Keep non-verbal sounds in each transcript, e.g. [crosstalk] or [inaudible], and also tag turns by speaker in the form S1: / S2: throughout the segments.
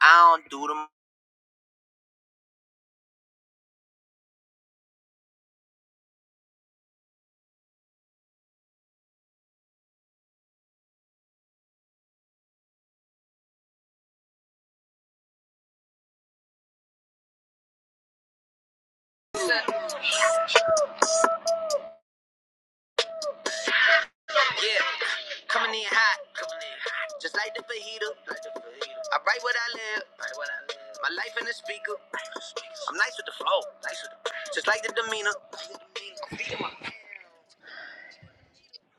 S1: I don't do them. Yeah, coming in hot, coming in hot. Just like the fajita. Like the fajita. I write what I live. Write what I live. My life in the speaker. I'm nice with the flow. Nice with the just like the demeanor. My-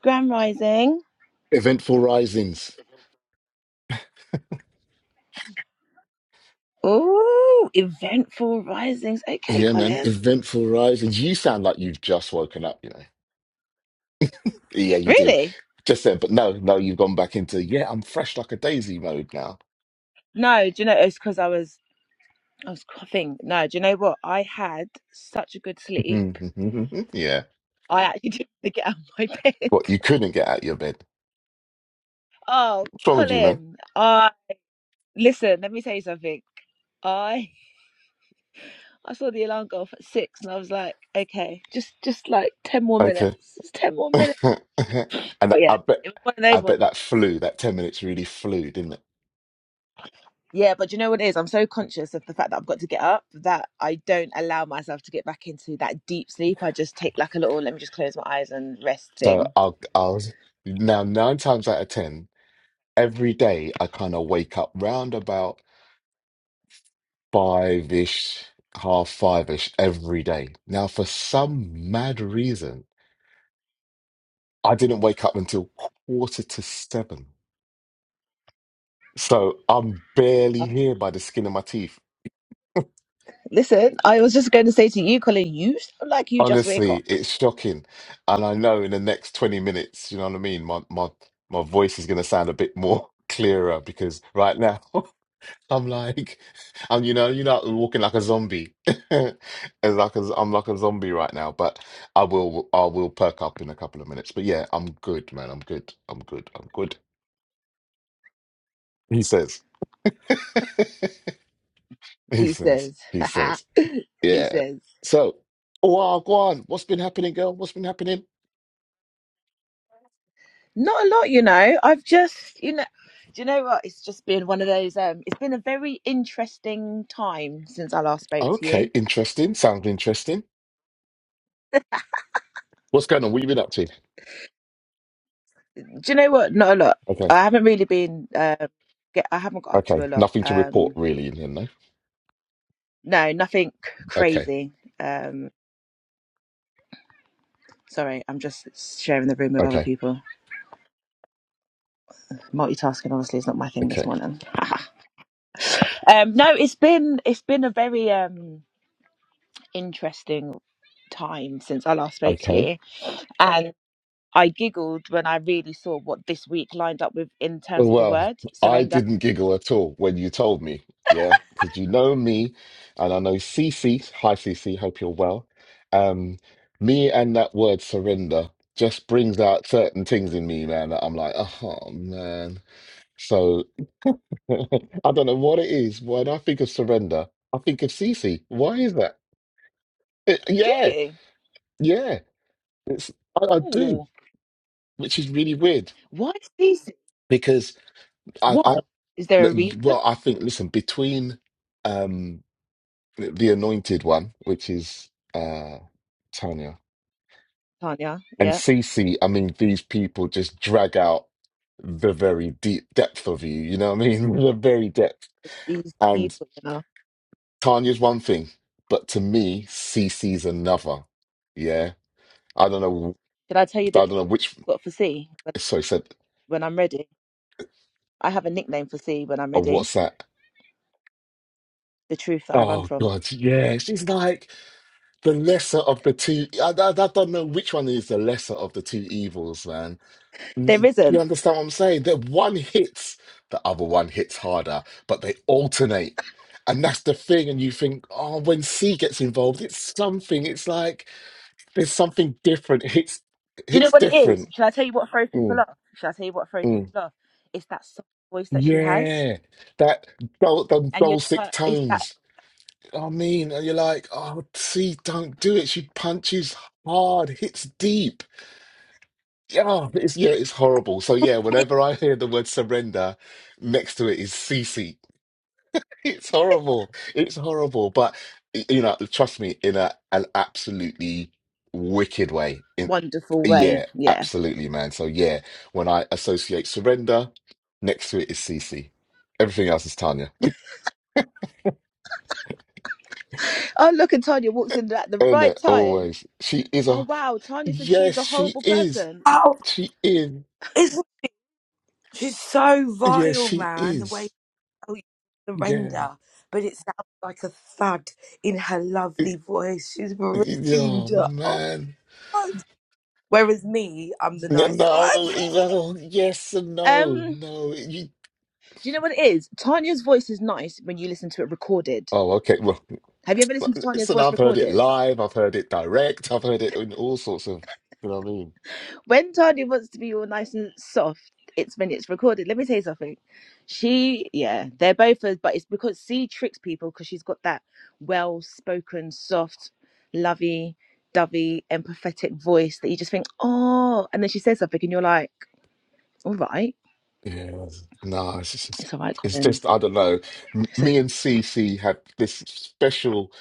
S1: Grand rising.
S2: Eventful risings.
S1: Ooh, eventful risings. Okay,
S2: Yeah, man.
S1: Colin.
S2: Eventful risings. You sound like you've just woken up, you know. Yeah, you do.
S1: Really?
S2: Just then, but no, no, you've gone back into, yeah, I'm fresh like a daisy mode now.
S1: No, do you know it's because I was I was coughing. No, do you know what? I had such a good sleep.
S2: [laughs] yeah.
S1: I actually [laughs] didn't get out of my bed. [laughs]
S2: What, you couldn't get out of your bed?
S1: Oh,
S2: What's wrong with you, man?
S1: Colin. Listen, let me tell you something. I I saw the alarm go off at six, and I was like, okay, just just like ten more
S2: Okay.
S1: minutes, just ten more minutes.
S2: [laughs] and
S1: But
S2: I
S1: yeah,
S2: bet,
S1: it was one of
S2: I
S1: those ones.
S2: bet that flew, that 10 minutes really flew, didn't it?
S1: Yeah, but you know what it is? I'm so conscious of the fact that I've got to get up that I don't allow myself to get back into that deep sleep. I just take like a little, let me just close my eyes and rest
S2: So
S1: thing.
S2: I'll, I'll, now nine times out of 10, every day I kind of wake up round about. five ish, half five ish every day. Now, for some mad reason, I didn't wake up until quarter to seven. So I'm barely here by the skin of my teeth. [laughs]
S1: Listen, I was just going to say to you, Colin, you sound like you just wake
S2: Honestly,
S1: up.
S2: it's shocking. And I know in the next 20 minutes, you know what I mean? My my my voice is going to sound a bit more [laughs] clearer because right now [laughs] I'm like, [laughs] I'm you know, you know, walking like a zombie. [laughs] It's like i I'm like a zombie right now, but I will, I will perk up in a couple of minutes. But yeah, I'm good, man. I'm good. I'm good. I'm good. He says. [laughs] He
S1: He
S2: says.
S1: says,
S2: He
S1: [laughs]
S2: says.
S1: he
S2: Yeah.
S1: says,
S2: So, wow, go on. What's been happening, girl? What's been happening?
S1: not a lot, you know. I've just, you know, do you know what? It's just been one of those. Um, it's been a very interesting time since I last spoke to you.
S2: Okay, interesting. Sounds interesting. What's going on? What you been up to?
S1: Do you know what? Not a lot.
S2: Okay.
S1: I haven't really been. Uh, get. I haven't got up to a
S2: Okay.
S1: lot.
S2: Nothing to report
S1: Um,
S2: really in here, no?
S1: no, nothing
S2: Okay.
S1: crazy. Um, Sorry, I'm just sharing the room with other
S2: Okay.
S1: people. Multitasking honestly is not my thing this
S2: Okay.
S1: morning. [laughs] um, no, it's been it's been a very um interesting time since I last spoke to
S2: Okay.
S1: you, and I giggled when I really saw what this week lined up with in terms of the
S2: Well,
S1: word
S2: I
S1: surrender.
S2: didn't giggle at all when you told me, yeah, because you know me, and I know CC. Hi, CC. Hope you're well. Um, me and that word surrender just brings out certain things in me, man. That I'm like, oh man. So [laughs] I don't know what it is. When I think of surrender, I think of CC. Why is that? It-
S1: Do
S2: yeah,
S1: you?
S2: yeah. It's I, I do,
S1: Ooh,
S2: which is really weird
S1: why is these?
S2: because I, I,
S1: Why is there a reason,
S2: well, I think. Listen, between. Um, the anointed one, which is uh Tanya.
S1: Tanya?
S2: And
S1: Yeah,
S2: Cece, I mean, these people just drag out the very deep depth of you, you know what I mean? [laughs] The very depth.
S1: these
S2: And
S1: people. You know,
S2: Tanya's one thing, but to me, Cece's another. Yeah. I don't know
S1: did I tell you that
S2: I don't know which
S1: I've got for C when
S2: sorry said
S1: when I'm ready? I have a nickname for C when I'm
S2: oh
S1: ready.
S2: what's that?
S1: the truth that I run
S2: Oh
S1: from.
S2: God, yeah. She's like the lesser of the two I, I, I don't know which one is the lesser of the two evils, man
S1: There
S2: Do you
S1: isn't.
S2: understand what I'm saying? That one hits, the other one hits harder, but they alternate. And that's the thing. And you think, oh, when C gets involved, it's something. It's like there's something different. It hits, it
S1: Do you know
S2: hits
S1: what it is?
S2: different.
S1: Shall I tell you what throws people
S2: Mm,
S1: off? Shall I tell you what throws people
S2: mm.
S1: off? It's that soft voice that she has,
S2: Yeah. That, those,
S1: and you're
S2: those
S1: just
S2: six
S1: like, it's that
S2: tones. I mean, and you're like, oh, C, don't do it. She punches hard, hits deep. Yeah, it's yeah, it's horrible. So yeah, whenever I hear the word surrender, next to it is CC It's horrible. It's horrible. But y- you know, trust me, in a an absolutely wicked way. In
S1: wonderful way.
S2: yeah,
S1: Yeah.
S2: absolutely, man. So yeah, when I associate surrender, next to it is Cece. Everything else is Tanya.
S1: Oh look, and Tanya walks in at
S2: [laughs]
S1: the
S2: Isn't
S1: right
S2: it?
S1: time.
S2: Always. She is
S1: Oh
S2: a
S1: wow, Tanya said she
S2: yes,
S1: is a
S2: she
S1: horrible
S2: is.
S1: person.
S3: Oh,
S2: She is.
S3: isn't she? She's so
S2: Yes,
S3: vile,
S2: she
S3: man. The way
S2: is.
S3: how you
S2: Yeah.
S3: surrender, but it sounds like a thud in her
S2: Y-
S3: lovely voice. She's rude.
S2: y- Oh
S3: Oh,
S2: man.
S3: God. Whereas me, I'm the
S2: No,
S3: nice one.
S2: no,
S3: [laughs]
S2: no, yes and no.
S1: Um,
S2: No. You...
S1: do you know what it is? Tanya's voice is nice when you listen to it recorded.
S2: Oh, okay.
S1: Have you ever listened to Tanya's
S2: Listen,
S1: voice
S2: I've heard it
S1: recorded?
S2: live, I've heard it direct, I've heard it in all sorts of, you know what I mean?
S1: when Tani wants to be all nice and soft, it's when it's recorded. Let me tell you something. She, yeah, they're both, as- but it's because C tricks people because she's got that well spoken, soft, lovey, dovey, empathetic voice that you just think, oh, and then she says something and you're like, all right,
S2: Yeah, no, it's just,
S1: it's all right,
S2: it's
S1: Colin.
S2: just, I don't know. M-
S1: So,
S2: Me and CC have this special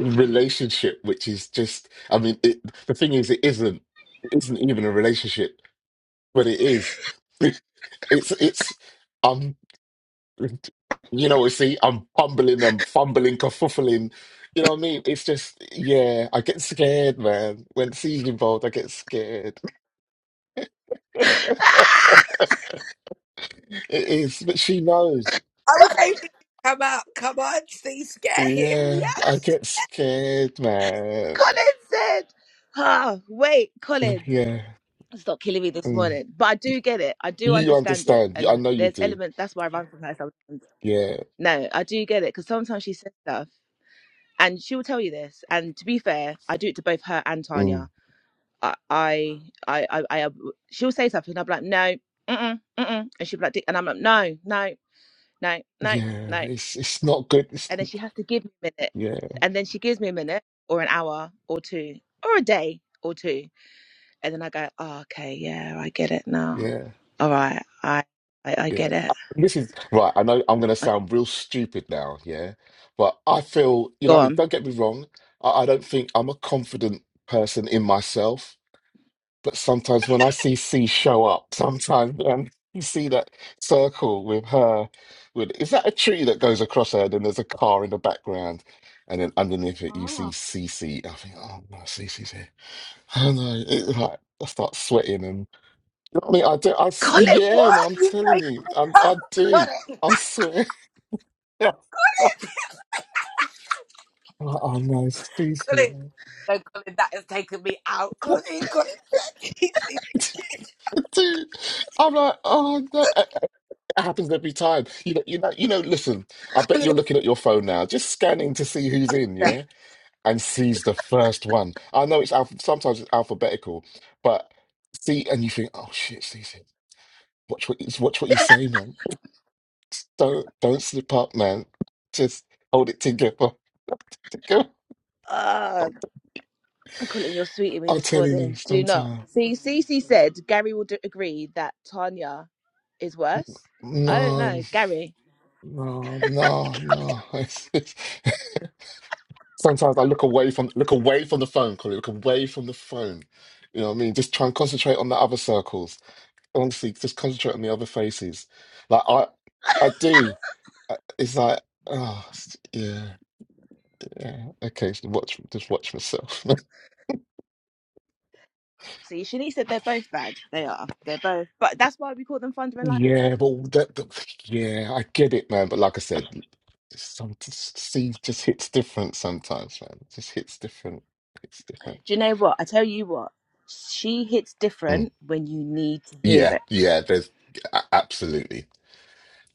S2: relationship, which is just, I mean, it, the thing is, it isn't, it isn't even a relationship, but it is. [laughs] It's, it's. You know, see, I'm fumbling and fumbling, kerfuffling. You know what I mean? It's just, yeah, I get scared, man. When she's involved, I get scared. [laughs]
S1: ah,
S2: It is, but she knows.
S3: I was
S1: Colin,
S3: hoping you'd come out. Come on, see, scare him.
S2: Yeah, I
S3: Yes.
S2: get scared, man.
S1: Colin said, ah, wait,
S2: [sighs]
S1: Colin.
S2: Yeah.
S1: Stop killing me this
S2: Mm.
S1: morning, but I do get it. I do
S2: You
S1: understand it,
S2: understand. I
S1: and
S2: know you
S1: there's
S2: do.
S1: elements. That's why I run from her sometimes
S2: Yeah.
S1: No, I do get it because sometimes she says stuff and she will tell you this. And to be fair, I do it to both her and
S2: Mm.
S1: Tanya. I, I, I, I, I she'll say something and I'm like, no, mm-mm, mm-mm. And she'll be like, "Dick," and I'm like, no, no, no, no,
S2: Yeah.
S1: no.
S2: It's it's not good. It's,
S1: And then she has to give me a minute.
S2: yeah.
S1: And then she gives me a minute or an hour or two or a day or two. And then I go, oh, okay, yeah, I get it now.
S2: Yeah.
S1: All right, I, I, I get
S2: Yeah.
S1: it.
S2: This is right. I know I'm going to
S1: I,
S2: sound real stupid now, yeah, but I feel, you know,
S1: go
S2: what I mean,
S1: on.
S2: don't get me wrong. I, I don't think I'm a confident person in myself, but sometimes when I see C show up, [laughs] sometimes um, you see that circle with her, with is that a tree that goes across her? Then there's a car in the background, and then underneath it you see C. C. I think, oh no, CC's here. Oh no, it, like, I start sweating and. I mean, I do. I s-
S1: Colin,
S2: yeah, man,
S1: what?
S2: I'm
S3: Colin, you've
S2: telling
S3: taken
S2: you,
S3: me
S2: I,
S3: out.
S2: I do.
S3: Colin,
S2: I'm swear. [laughs]
S3: Colin,
S2: I'm Like, oh no, Stu's here,
S3: Colin.
S2: man.
S3: No, Colin, that has taken me out.
S2: [laughs] I
S3: Colin, Colin, [laughs] he's- he's-
S2: do. I'm like, oh no, it it happens every time. You know, you know, you know. Listen, I bet
S3: Colin,
S2: you're looking at your phone now, just scanning to see who's in, yeah, and sees the first one. I know it's alph sometimes it's alphabetical, but see, and you think, oh shit, Stu's here. Watch what, watch what you say, man. Don't don't slip up, man. Just hold it together. [laughs] Hold it together.
S1: Colin, you're sweeting me
S2: I'm
S1: this
S2: telling you,
S1: morning. Do not.
S2: sometimes
S1: See, Cece said Gary will d- agree that Tanya is worse. I don't
S2: no,
S1: know. Gary.
S2: no, no, no. [laughs] It's- it's- [laughs] sometimes I look away from look away from the phone, Colin. Look away from the phone. You know what I mean? Just try and concentrate on the other circles. Honestly, just concentrate on the other faces. Like I, I do. I- It's like, oh, it's- yeah, yeah. Okay, just watch, just watch myself. [laughs]
S1: See, Shanice said they're both bad. They are. They're both. But that's why we call them thunder and lightning.
S2: Yeah, but that, that- yeah, I get it, man. But like I said, some just, see just hits different sometimes, man. Just hits different. It's different.
S1: Do you know what? I tell you what. She hits
S2: Mm.
S1: different when you need to hear
S2: Yeah,
S1: it.
S2: yeah. There's a- absolutely,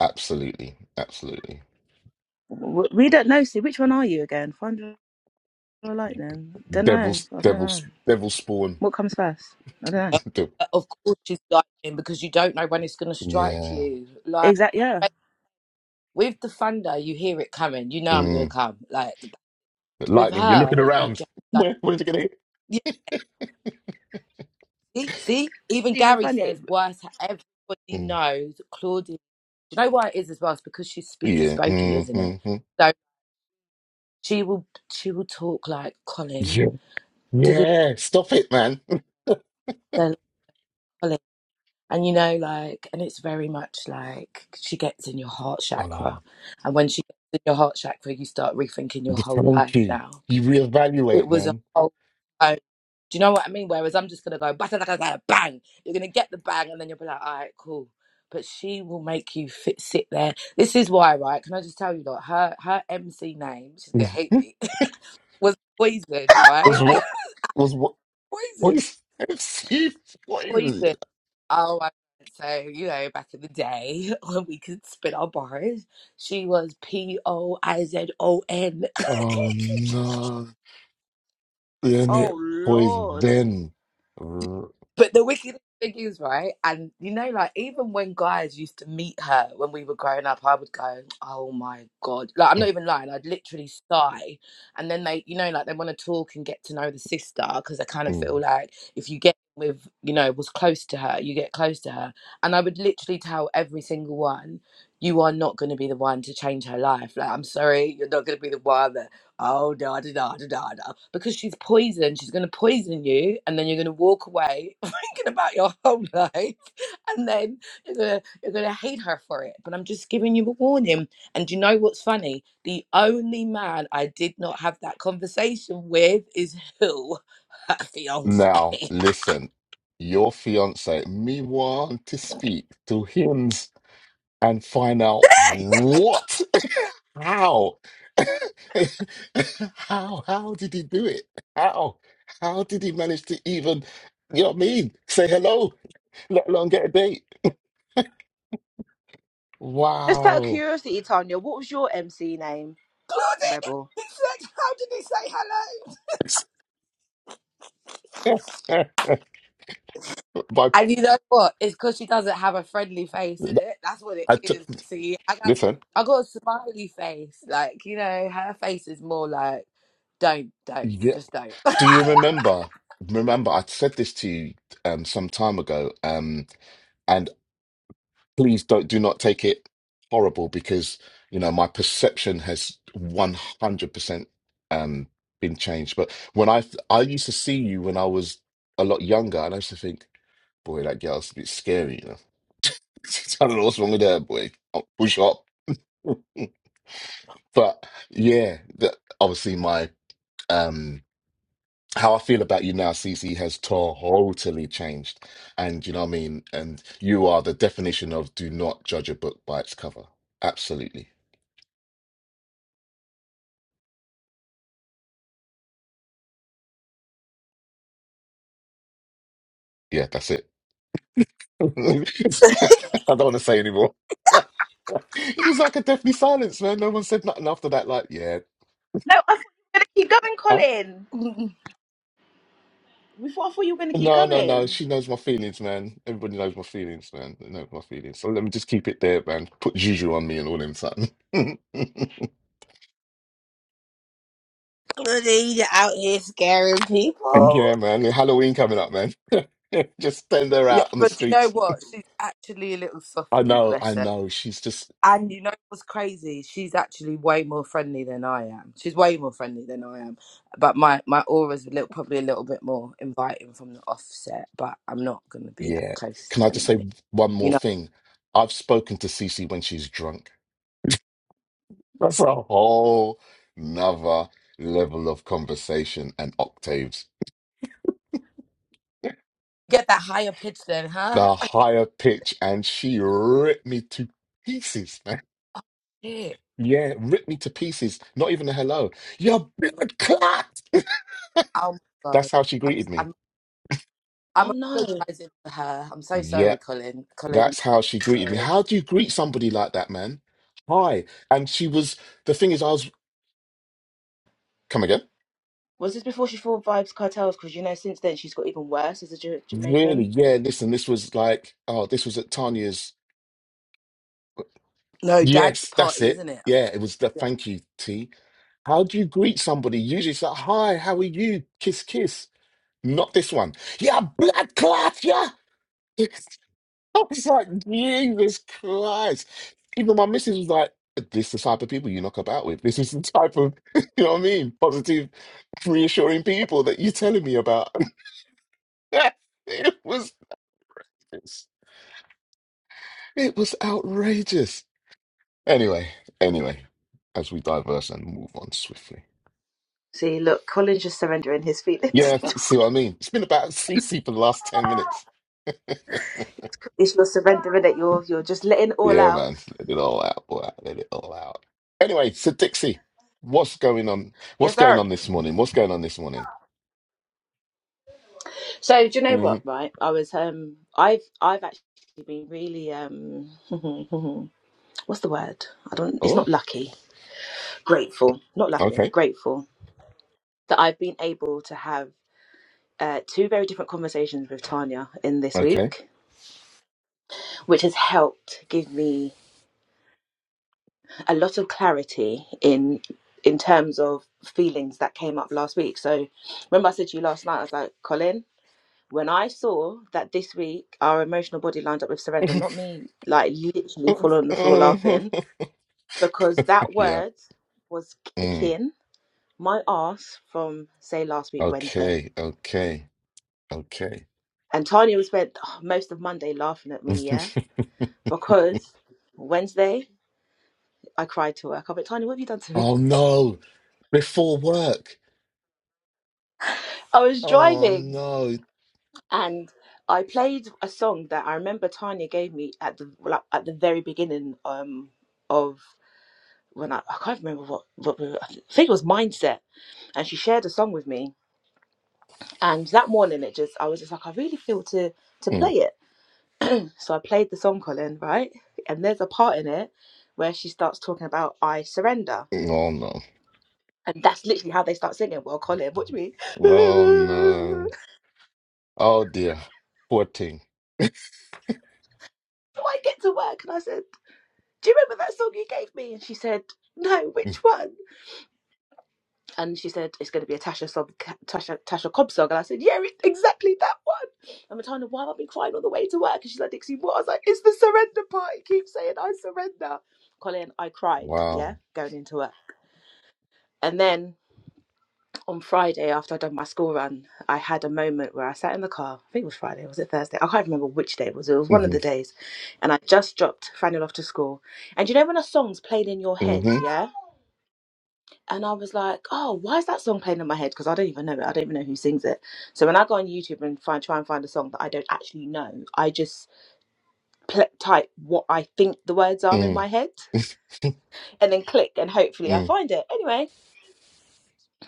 S2: absolutely, absolutely.
S1: W- We don't know. See, which one are you again? Thunder or lightning? Don't know.
S2: Devil's,
S1: I don't
S2: devil's,
S1: know.
S2: devil spawn.
S1: What comes first? I don't know.
S3: Uh,
S2: The-
S3: of course she's dying because you don't know when it's going to strike
S2: Yeah.
S3: you. Like
S1: Exactly. Yeah.
S3: like, with the thunder, you hear it coming. You know I'm going to
S2: Mm.
S3: come. Like
S2: The
S3: with
S2: lightning. You're
S3: her,
S2: looking
S3: you
S2: around.
S3: just don't.
S2: Where, where's it gonna hit?
S3: Yeah, see, see, even
S1: Even
S3: Gary
S1: funny.
S3: says worse. Everybody
S2: Mm.
S3: knows Claudia. Do you know why it is as well? It's because she's speaky
S2: Yeah.
S3: spokey, isn't it?
S2: Mm-hmm.
S3: So she will she will talk like Colin.
S2: Yeah. Yeah. Stop it, man. [laughs]
S3: [laughs] And you know, like, and it's very much like she gets in your heart chakra.
S2: Oh,
S3: And when she gets in your heart chakra, you start rethinking your
S2: the
S3: whole
S2: thank
S3: life
S2: you.
S3: now.
S2: You
S3: It
S2: reevaluate,
S3: was a
S2: man.
S3: whole oh, do you know what I mean? Whereas I'm just gonna go bata, bata, bata, bang. You're gonna get the bang and then you'll be like, all right, cool. But she will make you fit, sit there. This is why, right? Can I just tell you that her her MC name, she's gonna hate
S2: [laughs]
S3: me, [laughs] was Poison, right?
S2: Was what? Was what?
S3: [laughs] Poison.
S2: Poison [laughs] FC poison.
S3: Poison. Oh, I so you know, back in the day [laughs] when we could spin our bars, she was P O I Z O N.
S2: Oh
S3: [laughs]
S2: no! Then it
S1: Oh Lord.
S2: poison. R-
S3: But the wicked thing is, right? And you know, like even when guys used to meet her when we were growing up, I would go, "Oh my god!" Like I'm not even lying. I'd literally sigh, and then they, you know, like they want to talk and get to know the sister because they kind of
S2: Mm.
S3: feel like if you get with, you know, was close to her, you get close to her. And I would literally tell every single one, "You are not going to be the one to change her life. Like I'm sorry, you're not going to be the one that." Oh da da da da da da! Because she's poison. She's gonna poison you, and then you're gonna walk away thinking about your [laughs] whole life and then you're gonna you're gonna hate her for it but i'm just giving you a warning and do you know what's funny the only man i did not have that conversation with is who her
S2: [laughs]
S3: fiance [laughs]
S2: Now listen, your fiance me want to speak to him and find out what How? [laughs] How? How did he do it? How? How did he manage to even, you know what I mean? Say hello, let alone get a date.
S1: Just out of
S2: Wow.
S1: curiosity, Tanya, what was your MC name?
S3: claudine
S1: Rebel.
S3: he said how did he say hello
S2: [laughs] But
S3: and you know what it's because she doesn't have a friendly face is it that's what it
S2: I took,
S3: is see i got a,
S2: listen,
S3: I got a smiley face like you know her face is more like don't don't
S2: yeah.
S3: just don't
S2: Do you remember? Remember, I said this to you um, some time ago, um, please don't do not take it horrible because you know my perception has 100% um been changed but when i i used to see you when i was a lot younger and i used to think boy that girl's a bit scary you know [laughs] i don't know what's wrong with her boy I'll push up [laughs] but yeah that obviously my um how I feel about you now, Cece, has totally changed. And you know what I mean? And you are the definition of do not judge a book by its cover. Absolutely. Yeah, that's it. [laughs] I don't want to say anymore. [laughs] It was like a deathly silence, man. No one said nothing after that. Like, yeah,
S1: No, I thought you were going to keep going,
S2: huh?
S1: Colin.
S3: [laughs]
S1: We thought, I thought you were going to keep
S2: No, no, no.
S1: going.
S2: She knows my feelings, man. Everybody knows my feelings, man. They know my feelings. So let me just keep it there, man. Put juju on me and all them something. [laughs]
S3: Anita out here scaring people.
S2: Yeah, man. Halloween coming up, man. [laughs] Just send her
S3: Yeah,
S2: out on the
S3: but you know
S2: streets.
S3: what? She's actually a little
S2: I
S3: softy,
S2: know, I
S3: bless her.
S2: know. She's just,
S3: And you know what's crazy? She's actually way more friendly than I am. She's way more friendly than I am. But my my aura's a little, probably a little bit more inviting from the offset. But I'm not going to be that
S2: yeah.
S3: close
S2: Can I
S3: to
S2: just say
S3: anybody.
S2: one
S3: You
S2: more
S3: know,
S2: thing? I've spoken to Cece when she's drunk. That's a whole nother level of conversation and octaves.
S3: get that higher pitch then, huh?
S2: The higher pitch, and she ripped me to pieces, man.
S3: [laughs] Shit.
S2: Yeah, ripped me to pieces. Not even a hello. Your blood clot.
S3: Oh my god.
S2: That's how she
S3: I'm
S2: greeted me.
S3: I'm I'm
S1: Oh no.
S3: apologizing for her. I'm so sorry,
S2: Yep,
S3: Colin. Colin, I'm
S2: that's how she
S3: so
S2: greeted me.
S3: sorry.
S2: How do you greet somebody like that, man? Hi. And she was, the thing is, I was, come again?
S1: Was this before she fought Vibes Cartels? Because you know, since then she's got even worse as a Ja-
S2: Really?
S1: Jamaican.
S2: Yeah, listen, this was like, oh, this was at Tanya's.
S3: No, dad's
S2: Yes, that's
S3: party,
S2: it.
S3: isn't it?
S2: Yeah, it was the
S3: Yeah.
S2: thank you, tea. How do you greet somebody? Usually it's like, hi, how are you? Kiss, kiss. Not this one. Yeah, blood clot, yeah. [laughs] I was like, Jesus Christ. Even my missus was like, this the type of people you knock about with. This is the type of, [laughs] you know what I mean? Positive, reassuring people that you're telling me about. [laughs] it was, it was outrageous. Anyway, anyway, as we diverse and move on swiftly.
S1: See, look, Colin's just surrendering his feelings.
S2: Yeah, see what I mean? It's been about [laughs] CC for the last 10 minutes. [laughs]
S1: [laughs] it's your surrendering that you're you're just letting it all
S2: Yeah,
S1: out.
S2: man. Let it all out, boy. Let it all out. Anyway, so Dixie, what's going on?
S1: Yes,
S2: What's going
S1: sir.
S2: on this morning? What's going on this morning?
S1: So do you know
S2: hmm
S1: what? Right, I was um, I've I've actually been really um, [laughs] what's the word? I don't. It's
S2: Oh,
S1: not lucky. Grateful, not lucky.
S2: okay.
S1: Grateful that I've been able to have uh, two very different conversations with Tanya in this
S2: Okay.
S1: week, which has helped give me a lot of clarity in in terms of feelings that came up last week. So remember I said to you last night, I was like, Colin, when I saw that this week our emotional body lined up with
S2: [laughs]
S1: surrender, not me like literally fall on the floor laughing, because that
S2: yeah.
S1: word was
S2: Mm.
S1: kicking my ass from say last week Wednesday
S2: Okay. Okay. Okay.
S1: And Tanya spent most of Monday laughing at
S2: [laughs]
S1: me, yeah? Because Wednesday, I cried to her. I went, Tanya, what have you done to me?
S2: oh, no. Before work.
S1: [laughs] I was
S2: Oh,
S1: driving
S2: no.
S1: and I played a song that I remember Tanya gave me at the like, at the very beginning um, of when I, I can't remember what, what we were- I think it was Mindset. And she shared a song with me. And that morning, it just I was just like, I really feel to to play
S2: Mm.
S1: it. So I played the song, Colin, right? And there's a part in it where she starts talking about I surrender
S2: Oh, no.
S1: And that's literally how they start singing. Well, Colin, what do you mean? [laughs]
S2: Oh, no. Oh dear. 14.
S1: so I get to work and I said, Do you remember that song you gave me? And she said, No,
S2: Mm.
S1: which one? And she said, It's going to be a Tasha, song, Tasha, Tasha Cobb song. And I said, Yeah, it, exactly that one. And Matana, why have I been crying all the way to work? And she's like, Dixie, what? I was like, It's the surrender part. You keep saying, I surrender. Colin, I cried,
S2: Wow.
S1: yeah, going into work. And then on Friday after I'd done my school run, I had a moment where I sat in the car. I think it was Friday, or was it Thursday? I can't remember which day it was. It was one of
S2: hmm
S1: the days. And I just dropped Fanny off to school. And you know when a song's played in your head,
S2: hmm
S1: yeah? And I was like, oh, why is that song playing in my head? Because I don't even know it. I don't even know who sings it. So when I go on YouTube and find try and find a song that I don't actually know, I just pl- type what I think the words are in
S2: Mm.
S1: my head
S2: [laughs]
S1: and then click and hopefully I
S2: mm.
S1: find it. Anyway,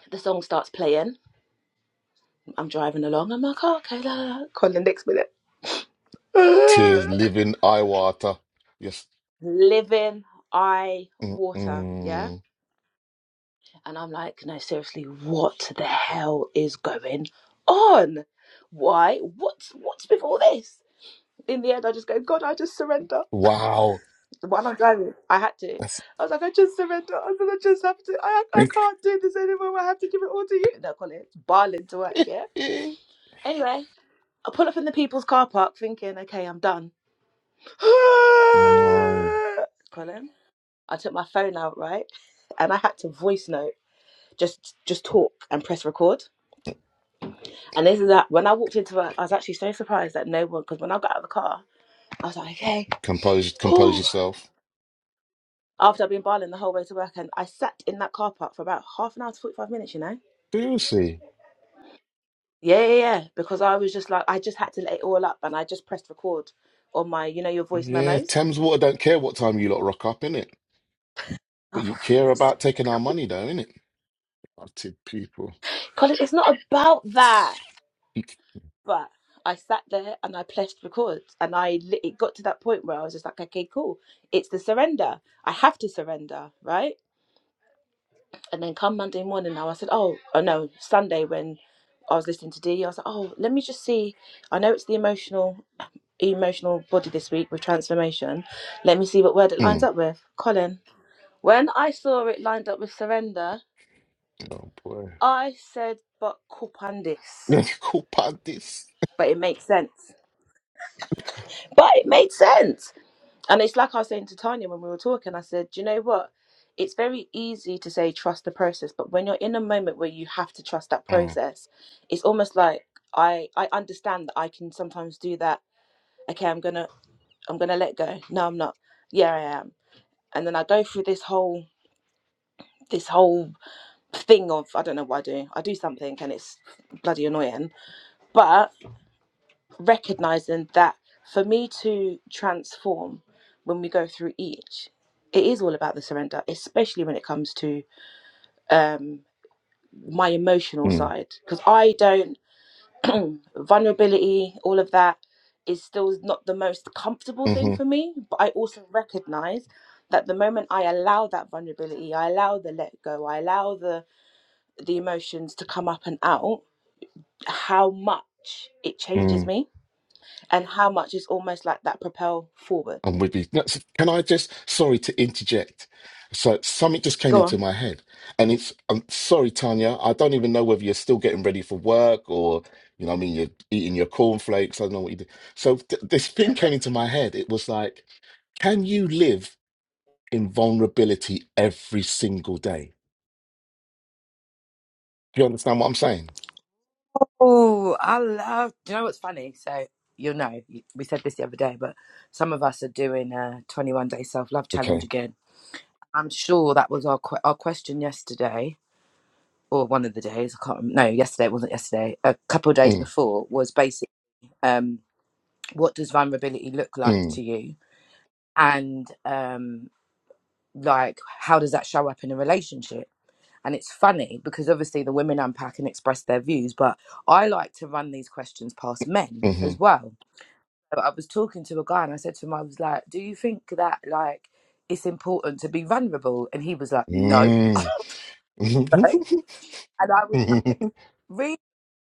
S1: the song starts playing. I'm driving along. I'm like, oh, okay, la, la, la. Call the next minute.
S2: Tears
S1: [laughs]
S2: living eye water. Yes.
S1: living eye water, yeah?
S2: Mm-mm.
S1: And I'm like, no, seriously, what the hell is going on? Why? What's what's with all this? In the end, I just go, God, I just surrender. [laughs]
S2: Wow.
S1: While I'm driving, I had to.
S2: That's
S1: I was like, I just surrender. I said, I just have to. I, I
S2: [laughs]
S1: can't do this anymore. I have to give it all to you. No, Colin, barling to work, yeah? Anyway, I pull up in the people's car park thinking, okay, I'm done.
S2: no.
S1: [laughs] [sighs] Colin. I took my phone out, right? And I had to voice note, just just talk and press record. And this is that when I walked into it, I was actually so surprised that no one because when I got out of the car, I was like, okay,
S2: Compose compose
S1: whew.
S2: yourself.
S1: After I've been barling the whole way to work and I sat in that car park for about half an hour to forty five minutes, you know?
S2: Seriously.
S1: Yeah, yeah, yeah. Because I was just like I just had to let it all up and I just pressed record on my, you know, your voice
S2: Yeah,
S1: memos.
S2: Thames Water don't care what time you lot rock up, innit?
S1: Oh,
S2: But
S1: for
S2: you care
S1: fuck's sake.
S2: about taking our money though, innit? Rotted people.
S1: Colin, it's not about that.
S2: You c-
S1: But I sat there and I pressed record, and I li- it got to that point where I was just like, okay, cool, it's the surrender. I have to surrender, right? And then come Monday morning, now I said, oh, oh no, Sunday when I was listening to D, I was like, oh, let me just see. I know it's the emotional emotional body this week with transformation. Let me see what word it lines
S2: Mm.
S1: up with. Colin. When I saw it lined up with surrender,
S2: Oh boy.
S1: I said, but kupandis.
S2: [laughs] Cool part this.
S1: But it makes sense. But it made sense. And it's like I was saying to Tanya when we were talking, I said, "Do you know what? It's very easy to say trust the process, but when you're in a moment where you have to trust that
S2: Mm.
S1: process, it's almost like I I understand that I can sometimes do that. Okay, I'm gonna I'm gonna let go. No, I'm not. Yeah, I am. And then I go through this whole this whole thing of I don't know what I do. I do something and it's bloody annoying, but recognizing that for me to transform when we go through each it is all about the surrender especially when it comes to um my emotional
S2: mm-hmm,
S1: side because i don't vulnerability all of that is still not the most comfortable thing
S2: Mm.
S1: for me but i also recognize that the moment i allow that vulnerability i allow the let go i allow the the emotions to come up and out how much it
S2: hmm
S1: changes me and how much it's almost like that propel forward
S2: I'm with you. No, s- Can I just, sorry to interject. So something just came
S1: Go
S2: into
S1: on.
S2: my head, and it's, I'm sorry, Tanya. I don't even know whether you're still getting ready for work or, you know, what I mean, you're eating your cornflakes. I don't know what you do. So th- this thing came into my head. It was like, can you live in vulnerability every single day? Do you understand what I'm saying?
S3: Oh, I love. Do you know what's funny? So you'll know. you- We said this the other day, but some of us are doing a 21 day self love challenge
S2: Okay.
S3: again. I'm sure that was our que- our question yesterday, or one of the days. I can't. rem- No, yesterday it wasn't. Yesterday, a couple of days
S2: Mm,
S3: before was basically, Um, what does vulnerability look like to
S2: mm,
S3: you? And um, like, how does that show up in a relationship? And it's funny because obviously the women unpack and express their views, but I like to run these questions past men as
S2: mm
S3: well So I was talking to a guy and I said to him, I was like, Do you think that like it's important to be vulnerable? And he was like, No.
S2: mm, [laughs] mm,
S3: Like, and I was like,
S2: mm,
S3: Really?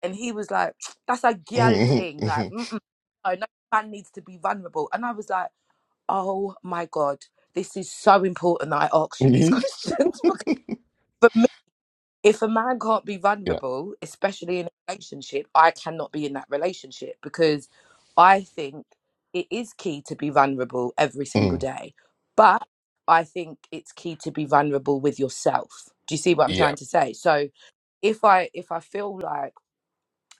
S3: And he was like, That's a girl
S2: mm,
S3: thing. Like,
S2: mm,
S3: Mm-mm, no, no man needs to be vulnerable. And I was like, Oh my God, this is so important that I ask you these [laughs]
S2: mm.
S3: questions. because for if a man can't be
S2: Yeah.
S3: vulnerable, especially in a relationship, I cannot be in that relationship because I think it is key to be vulnerable every single
S2: Mm,
S3: day. But I think it's key to be vulnerable with yourself. Do you see what I'm
S2: yeah.
S3: trying to say? So if I if I feel like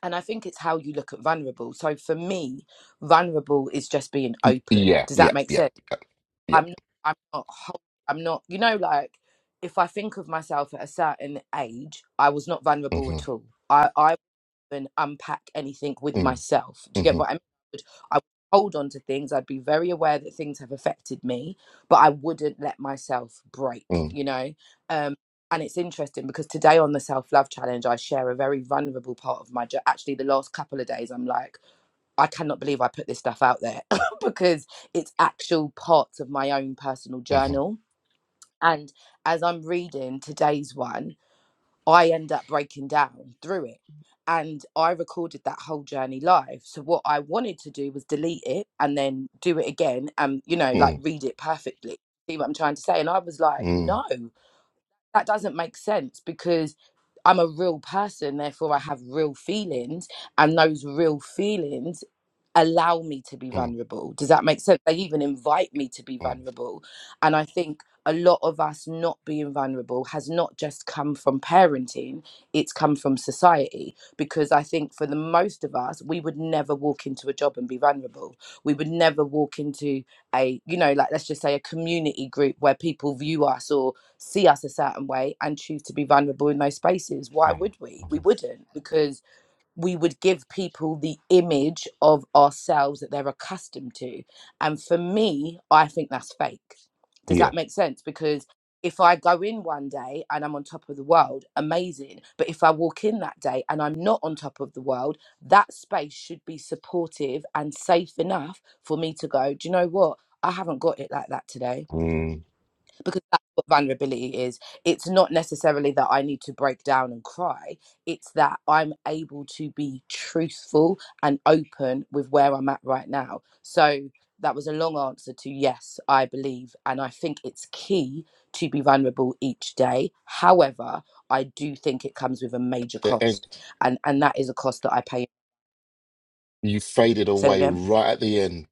S3: and I think it's how you look at vulnerable. So for me, vulnerable is just being open.
S2: Yeah,
S3: Does
S2: yeah,
S3: that make
S2: yeah,
S3: sense?
S2: yeah, yeah.
S3: I'm not, I'm not, hol- I'm not, you know, like if I think of myself at a certain age, I was not vulnerable at
S2: Mm-hmm,
S3: all. I, I wouldn't unpack anything with
S2: mm,
S3: myself. Do you get
S2: mm-hmm,
S3: what I mean? I would I would hold on to things. I'd be very aware that things have affected me, but I wouldn't let myself break,
S2: mm,
S3: you know? Um, and it's interesting because today on the self love challenge, I share a very vulnerable part of my journey. Actually, the last couple of days, I'm like, I cannot believe I put this stuff out there [laughs] because it's actual parts of my own personal
S2: mm-hmm,
S3: journal. And as I'm reading today's one, I end up breaking down through it. And I recorded that whole journey live. So what I wanted to do was delete it and then do it again and, you know, like
S2: mm, mm,
S3: read it perfectly. See what I'm trying to say? And I was like,
S2: mm,
S3: no, that doesn't make sense because I'm a real person. Therefore, I have real feelings. And those real feelings allow me to be
S2: mm,
S3: vulnerable. Does that make sense? They even invite me to be
S2: mm,
S3: vulnerable. And I think a lot of us not being vulnerable has not just come from parenting, it's come from society. Because I think for the most of us, we would never walk into a job and be vulnerable. We would never walk into a, you know, like let's just say a community group where people view us or see us a certain way and choose to be vulnerable in those spaces. Why
S2: mm-hmm.
S3: would we? We wouldn't because we would give people the image of ourselves that they're accustomed to. And for me, I think that's fake. Does
S2: Yeah.
S3: that make sense? Because if I go in one day and I'm on top of the world, amazing. But if I walk in that day and I'm not on top of the world, that space should be supportive and safe enough for me to go, do you know what? I haven't got it like that today
S2: Mm.
S3: because that's what vulnerability is. It's not necessarily that I need to break down and cry. It's that I'm able to be truthful and open with where I'm at right now. So that was a long answer to yes, I believe. And I think it's key to be vulnerable each day. However, I do think it comes with a major
S2: At the
S3: cost.
S2: end,
S3: And and that is a cost that I pay.
S2: you faded
S3: Say it
S2: away
S3: again.
S2: right at the end.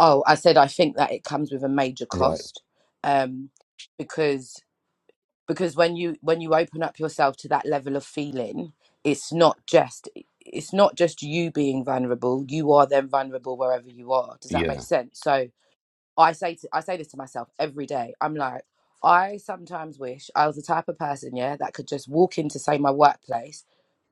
S3: Oh, I said I think that it comes with a major
S2: Right.
S3: cost. Um because because when you when you open up yourself to that level of feeling it's not just it's not just you being vulnerable you are then vulnerable wherever you are does that make
S2: Yeah.
S3: sense so I say to, I say this to myself every day. I'm like, I sometimes wish I was the type of person, yeah, that could just walk into say my workplace,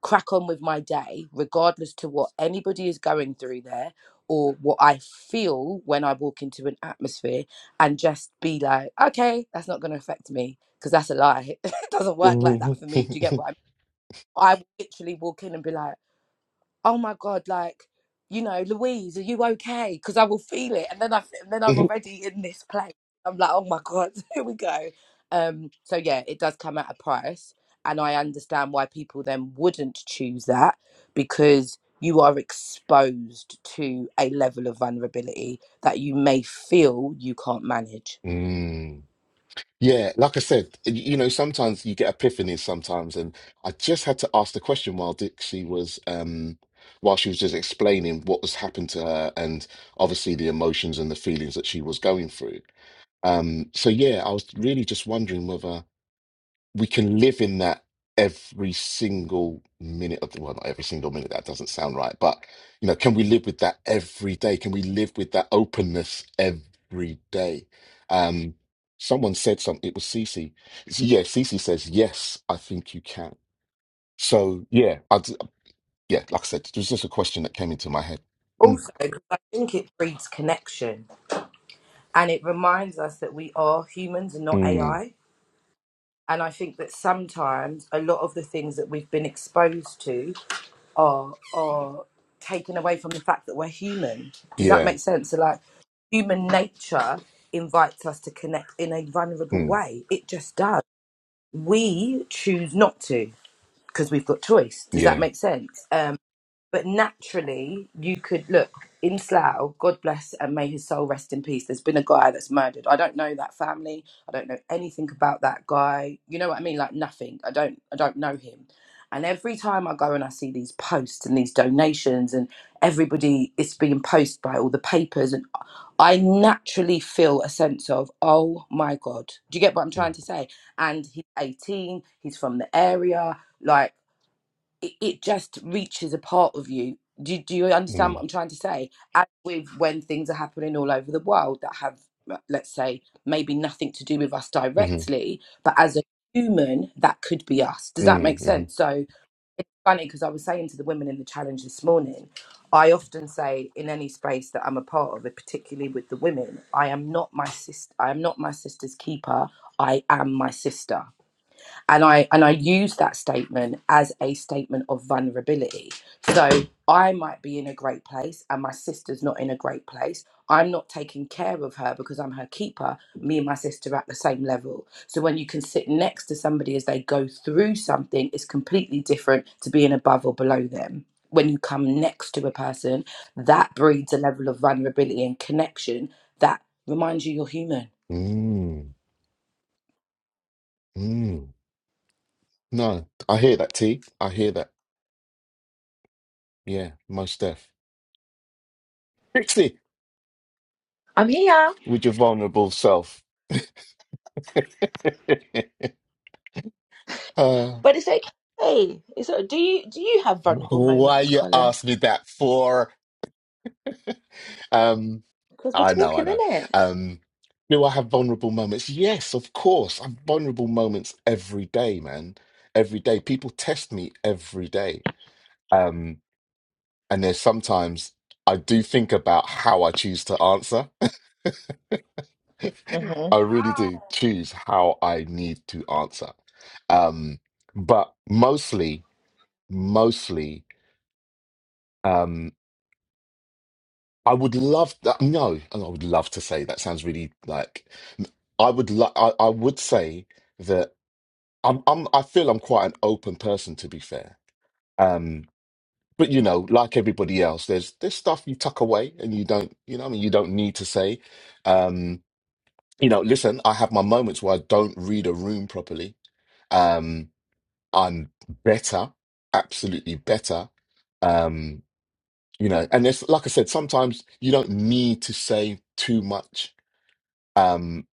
S3: crack on with my day, regardless to what anybody is going through there or what I feel when I walk into an atmosphere, and just be like, okay, that's not going to affect me because that's a lie. [laughs] it doesn't work like that
S2: Mhm.
S3: for me. Do you get what I mean? I would literally walk in and be like oh my god like you know louise are you okay because i will feel it and then i and then i'm
S2: [laughs]
S3: already in this place i'm like oh my god [laughs] here we go um so yeah it does come at a price and i understand why people then wouldn't choose that because you are exposed to a level of vulnerability that you may feel you can't manage
S2: mm. Yeah, like I said, y- you know, sometimes you get epiphanies sometimes, and I just had to ask the question while Dixie was, um, while she was just explaining what was happened to her, and obviously the emotions and the feelings that she was going through. Um, so yeah, I was really just wondering whether we can live in that every single minute of the, well, not every single minute, that doesn't sound right, but you know, can we live with that every day? Can we live with that openness every day? Um, someone said something, it was Cece. It's- Yeah, Cece says, yes, I think you can. So yeah, I, d- yeah, like I said, it was just a question that came into my head. Mm,
S3: also 'cause i think it breeds connection and it reminds us that we are humans and not
S2: mm,
S3: ai And I think that sometimes a lot of the things that we've been exposed to are are taken away from the fact that we're human. Does that
S2: yeah,
S3: make sense? So like human nature invites us to connect in a vulnerable
S2: mm,
S3: way. It just does. We choose not to because we've got choice. Does that
S2: yeah,
S3: make sense? Um, but naturally you could look in Slough, God bless and may his soul rest in peace. There's been a guy that's murdered. I don't know that family. I don't know anything about that guy. You know what I mean? Like nothing. I don't I don't know him. And every time I go and I see these posts and these donations and everybody is being posted by all the papers and I naturally feel a sense of, oh my God. Do you get what I'm
S2: mm,
S3: trying to say? And he's 18, he's from the area, like it, it just reaches a part of you. Do, do you understand
S2: mm,
S3: what I'm trying to say? As with when things are happening all over the world that have, uh, let's say, maybe nothing to do with us
S2: mm,
S3: directly, but as a human, that could be us. Does that
S2: mm,
S3: make
S2: mm,
S3: sense? So funny because I was saying to the women in the challenge this morning, I often say in any space that I'm a part of, and particularly with the women, I am not my sister. I am not my sister's keeper. I am my sister and i and i use that statement as a statement of vulnerability so i might be in a great place and my sister's not in a great place i'm not taking care of her because i'm her keeper me and my sister are at the same level so when you can sit next to somebody as they go through something it's completely different to being above or below them when you come next to a person that breeds a level of vulnerability and connection that reminds you you're human
S2: mm. Mm. No, I hear that, T. I hear that. Yeah, most def. Trixie,
S1: I'm here,
S2: with your vulnerable self. [laughs] uh,
S1: but it's okay. It's uh, do you do you have vulnerable
S2: why
S1: moments,
S2: you
S1: Colin?
S2: asked me that for? Um,
S1: Because we're
S2: I know, I
S1: talking,
S2: know.
S1: innit?
S2: Um, do I have vulnerable moments? Yes, of course. I have vulnerable moments every day, man. Every day. People test me every day. Um, and there's sometimes I do think about how I choose to answer. [laughs]
S1: Mm-hmm.
S2: I really do choose how I need to answer. Um, but mostly, mostly, um, I would love that. No, I would love to say that sounds really like I would lo- I, I would say that I'm, I'm I feel I'm quite an open person to be fair. Um, but you know, like everybody else, there's there's stuff you tuck away and you don't, you know, what I mean, you don't need to say. Um, you know, listen, I have my moments where I don't read a room properly. Um, and better, absolutely better. Um, you know, and it's like I said, sometimes you don't need to say too much. Um,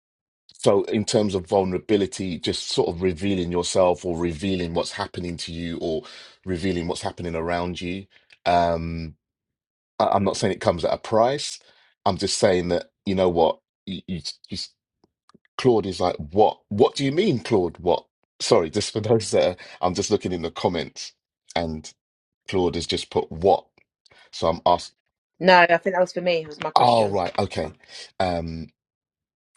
S2: so in terms of vulnerability, just sort of revealing yourself or revealing what's happening to you or revealing what's happening around you. Um, I, I'm not saying it comes at a price. I'm just saying that, you know what, you, you, you, Claude is like, what? What do you mean, Claude? What? Sorry, [laughs] just for those that are, I'm just looking in the comments and. Claude has just put what. So I'm asked,
S1: No, I think that was for me. It Was my
S2: oh,
S1: question.
S2: right,
S1: It's fine.
S2: okay. Um,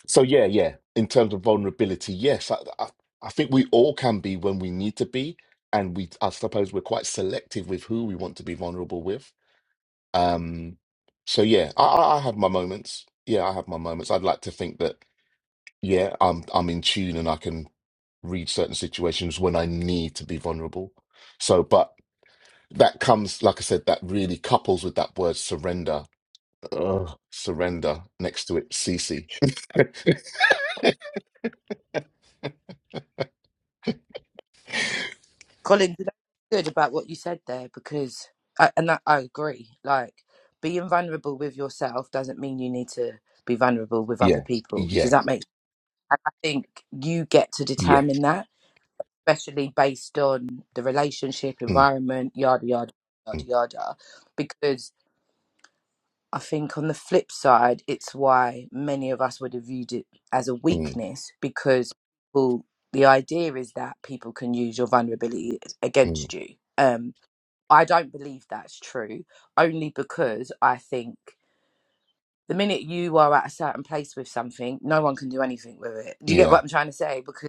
S2: so yeah, yeah. In terms of vulnerability, yes, I, I, I think we all can be when we need to be, and we, I suppose, we're quite selective with who we want to be vulnerable with. Um, so yeah, I, I I have my moments. Yeah, I have my moments. I'd like to think that yeah, I'm I'm in tune and I can read certain situations when I need to be vulnerable. So, but that comes, like I said, that really couples with that word surrender Oh, surrender next to it, CC.
S3: Colin, you know what's good about what you said there because, I, and I, I agree. Like being vulnerable with yourself doesn't mean you need to be vulnerable
S2: [laughs]
S3: with other
S2: yeah,
S3: people. Does
S2: yeah,
S3: that make? And I think you get to
S2: yeah.
S3: determine that, especially based on the relationship,
S2: Mm,
S3: environment, yada yada yada
S2: mm,
S3: yada. Because I think on the flip side, it's why many of us would have viewed it as a
S2: mm,
S3: weakness because well, the idea is that people can use your vulnerability
S2: mm,
S3: against you. Um, I don't believe that's true, only because I think the minute you are at a certain place with something, no one can do anything with it. Do you get
S2: yeah,
S3: what I'm trying to say? Because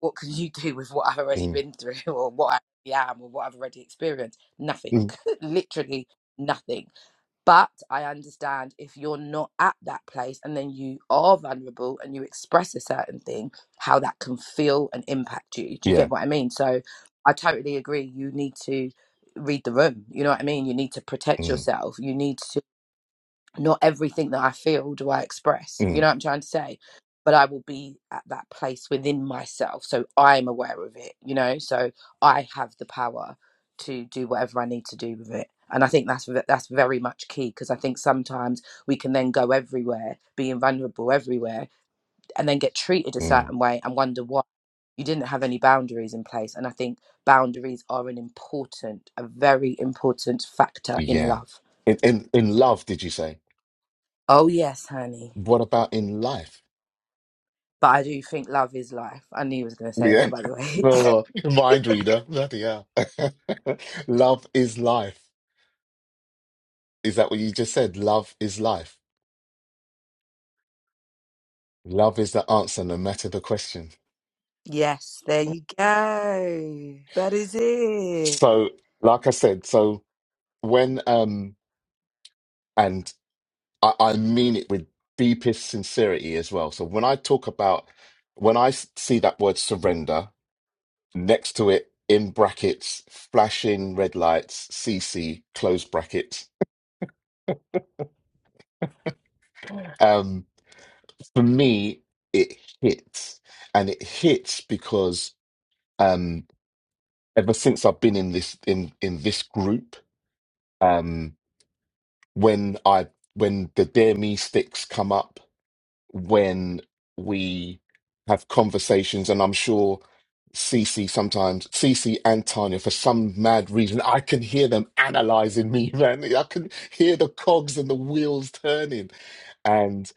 S3: what can you do with what I've already
S2: mm,
S3: been through [laughs] or what I already am or what I've already experienced? Nothing.
S2: mm,
S3: [laughs] Literally nothing. But I understand if you're not at that place and then you are vulnerable and you express a certain thing, how that can feel and impact you. Do you get
S2: yeah,
S3: what I mean? So I totally agree. You need to read the room. You know what I mean? You need to protect
S2: mm,
S3: yourself. You need not everything that I feel do I express. You
S2: mm,
S3: know what I'm trying to say? But I will be at that place within myself. So I'm aware of it, you know? So I have the power to do whatever I need to do with it. And I think that's ve- that's very much key because I think sometimes we can then go everywhere, being vulnerable everywhere, and then get treated a
S2: mm,
S3: certain way and wonder why you didn't have any boundaries in place. And I think boundaries are an important, a very important factor in
S2: yeah.
S3: love.
S2: In, in in love, did you say?
S3: Oh yes, honey.
S2: What about in life?
S3: But I do think love is life. I knew he was going to say
S2: Yeah.
S3: that,
S2: [laughs]
S3: by the way. [laughs]
S2: Oh, uh, mind reader. Bloody hell. [laughs] Love is life. Is that what you just said? Love is life. Love is the answer, no matter the question.
S3: Yes, there you go. That is it.
S2: So, like I said, so when um. and. I, I mean it with deepest sincerity as well. So when I talk about, when I s- see that word surrender next to it in brackets, flashing red lights, CC, close brackets, um, for me, it hits. And it hits because um, ever since I've been in this in in this group, um, when I when the Dare Me sticks come up when we have conversations, and I'm sure Cece sometimes, Cece and Tanya, for some mad reason, I can hear them analyzing me, [laughs] man. I can hear the cogs and the wheels turning. And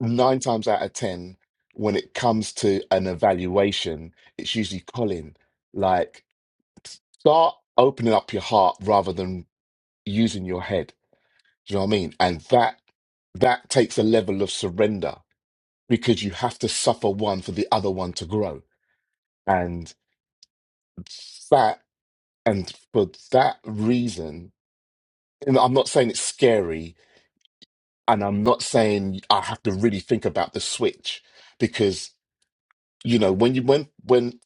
S2: nine times out of 10, when it comes to an evaluation, it's usually Colin. Like, start opening up your heart rather than using your head. Do you know what I mean? And that that takes a level of surrender because you have to suffer one for the other one to grow. And that, and for that reason, and I'm not saying it's scary, and I'm not saying I have to really think about the switch because you know when you when when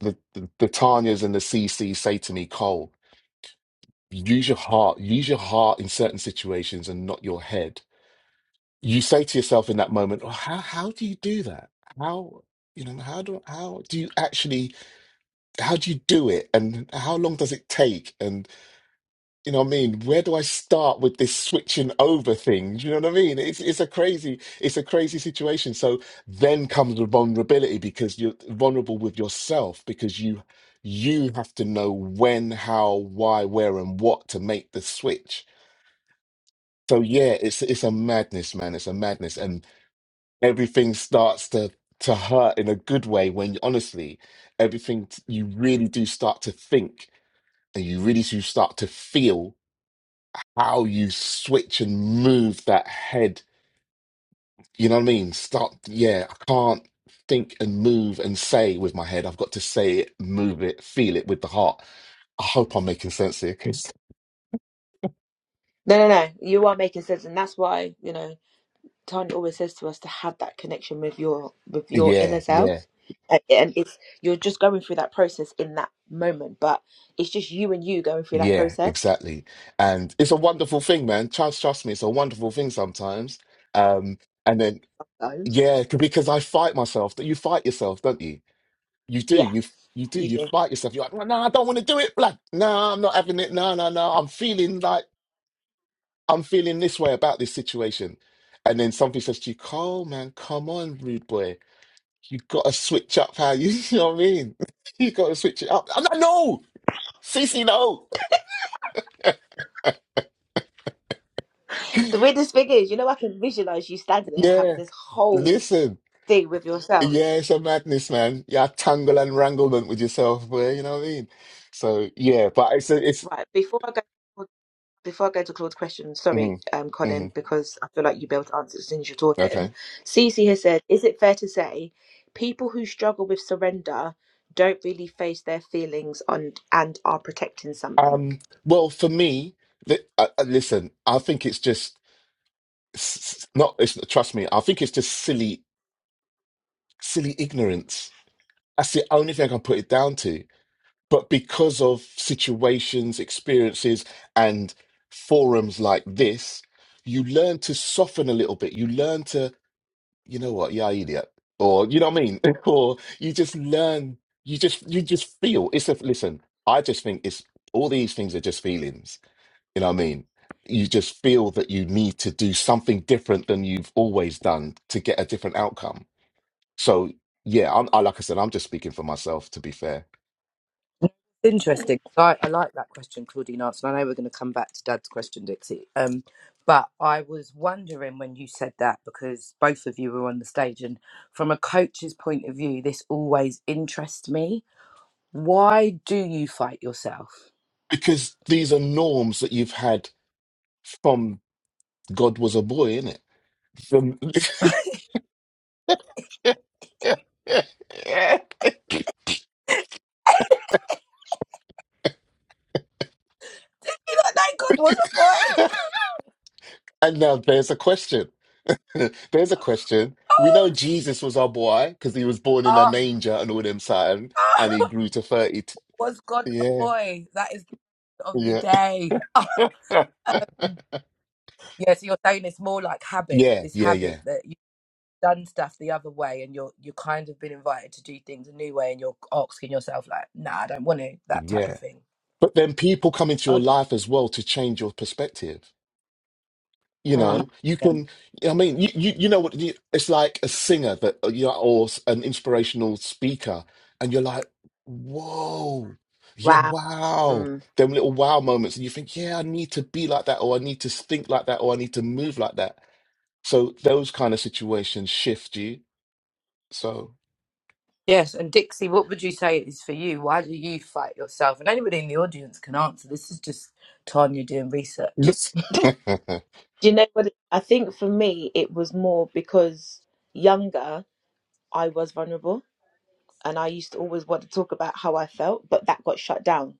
S2: the the, the Tanyas and the CC say to me, Cole, use your heart, use your heart in certain situations and not your head. You say to yourself in that moment, oh, how how do you do that? How you know how do how do you actually how do you do it and how long does it take and you know what i mean where do i start with this switching over thing do you know what i mean it's it's a crazy it's a crazy situation so then comes the vulnerability because you're vulnerable with yourself because you you have to know when how why where and what to make the switch so yeah it's it's a madness man it's a madness and everything starts to to hurt in a good way when honestly everything t- you really do start to think and you really do start to feel how you switch and move that head. You know what I mean? Start, yeah, I can't think and move and say with my head. I've got to say it, move it, feel it with the heart. I hope I'm making sense here. Yes.
S1: No, no, no. You are making sense, and that's why you know Tan always says to us to have that connection with your with your
S2: Yeah,
S1: inner self,
S2: yeah,
S1: and, and it's you're just going through that process in that moment, but it's just you and you going through that
S2: yeah,
S1: process.
S2: exactly. And it's a wonderful thing, man. Trust, trust me, it's a wonderful thing sometimes. Um, and then,
S1: Sometimes,
S2: yeah, c- because I fight myself. You fight yourself, don't you? You do.
S1: yeah,
S2: You you do.
S1: you
S2: You
S1: do.
S2: fight yourself. You're like, no, I don't want to do it. Like, no, I'm not having it. No, no, no. I'm feeling like I'm feeling this way about this situation. And then somebody says to you, Cole, man, come on, rude boy. You gotta switch up how you, [laughs] you know what I mean? [laughs] You gotta switch it up. I'm like, no, Cece, no.
S1: The weirdest thing is, you know, I can visualize you standing there having
S2: Yeah.
S1: this whole
S2: Listen.
S1: thing with yourself.
S2: Yeah, it's a madness, man. Yeah, tangle and wranglement with yourself, boy, you know what I mean? So yeah, but it's a, it's
S1: Right before I go. before I go to Claude's question, sorry,
S2: mm,
S1: um, Colin,
S2: mm,
S1: because I feel like you'll be able to answer as soon as you're
S2: okay.
S1: talking. Cece has said, Is it fair to say people who struggle with surrender don't really face their feelings on and are protecting something?
S2: Um, well, for me, li uh, uh, listen, I think it's just s- s- not, it's, trust me, I think it's just silly, silly ignorance. That's the only thing I can put it down to. But because of situations, experiences, and forums like this, you learn to soften a little bit. You learn to, you know what, yeah, idiot. Or, you know what I mean? [laughs] Or you just learn, you just, you just feel. It's a, listen, I just think it's all these things are just feelings You know what I mean? You just feel that you need to do something different than you've always done to get a different outcome. So, yeah, I'm, I, like I said, I'm just speaking for myself, to be fair,
S3: Interesting. I, I like that question Claudine answered. I know we're going to come back to Dad's question, Dixie. Um, but I was wondering when you said that because both of you were on the stage, and from a coach's point of view, this always interests me. Why do you fight yourself?
S2: because these are norms that you've had from God was a boy, innit? From... [laughs]
S3: You know, that God was a boy.
S2: and now there's a question. [laughs] there's a question.
S3: [laughs]
S2: We know
S3: Oh, sh-
S2: Jesus was our boy because he was born in a
S3: oh,
S2: manger and all them something,
S3: [laughs]
S2: and he
S3: oh,
S2: grew to 30.
S3: was God a
S2: Yeah,
S3: boy? That is. of the
S2: yeah.
S3: day. [laughs]
S2: [laughs]
S3: yeah, so you're saying it's more like habit.
S2: yeah,
S3: It's
S2: yeah, yeah,
S3: habit that you've done stuff the other way, and you're you kind of been invited to do things a new way, and you're asking yourself like, "Nah, I don't want to." That type of
S2: yeah.
S3: thing.
S2: But then people come into your
S3: Okay,
S2: life as well to change your perspective. You
S3: one hundred
S2: know,
S1: Mm.
S2: you
S3: percent.
S2: can. I mean, you you, you know what? You, it's like a singer that uh, you know, or s- an inspirational speaker, and you're like, whoa, yeah,
S1: Wow.
S2: wow.
S1: Mm.
S2: Them little wow moments, and you think, yeah, I need to be like that, or I need to think like that, or I need to move like that. So those kind of situations shift you. So.
S3: Yes, and Dixie, what would you say it is for you? Why do you fight yourself? And anybody in the audience can answer. This is just Tanya doing research.
S2: yes. [laughs]
S1: Do you know what? it- I think for me, it was more because younger, I was vulnerable and I used to always want to talk about how I felt, but that got shut down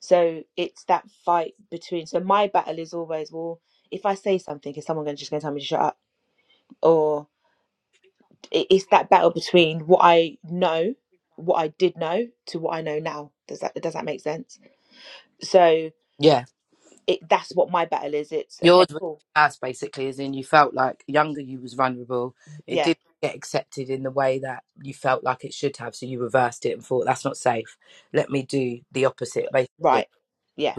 S1: So it's that fight between. So my battle is always, well, if I say something, is someone going to just going to tell me to shut up? Or i- it's that battle between what I know, what I did know, to what I know now. Does that does that make sense? So
S3: Yeah.
S1: it that's what my battle is. It's
S3: yours
S1: okay,
S3: was
S1: cool,
S3: past basically as in you felt like younger you was vulnerable it
S1: yeah,
S3: didn't get accepted in the way that you felt like it should have so you reversed it and thought that's not safe let me do the opposite basically
S1: right, yeah.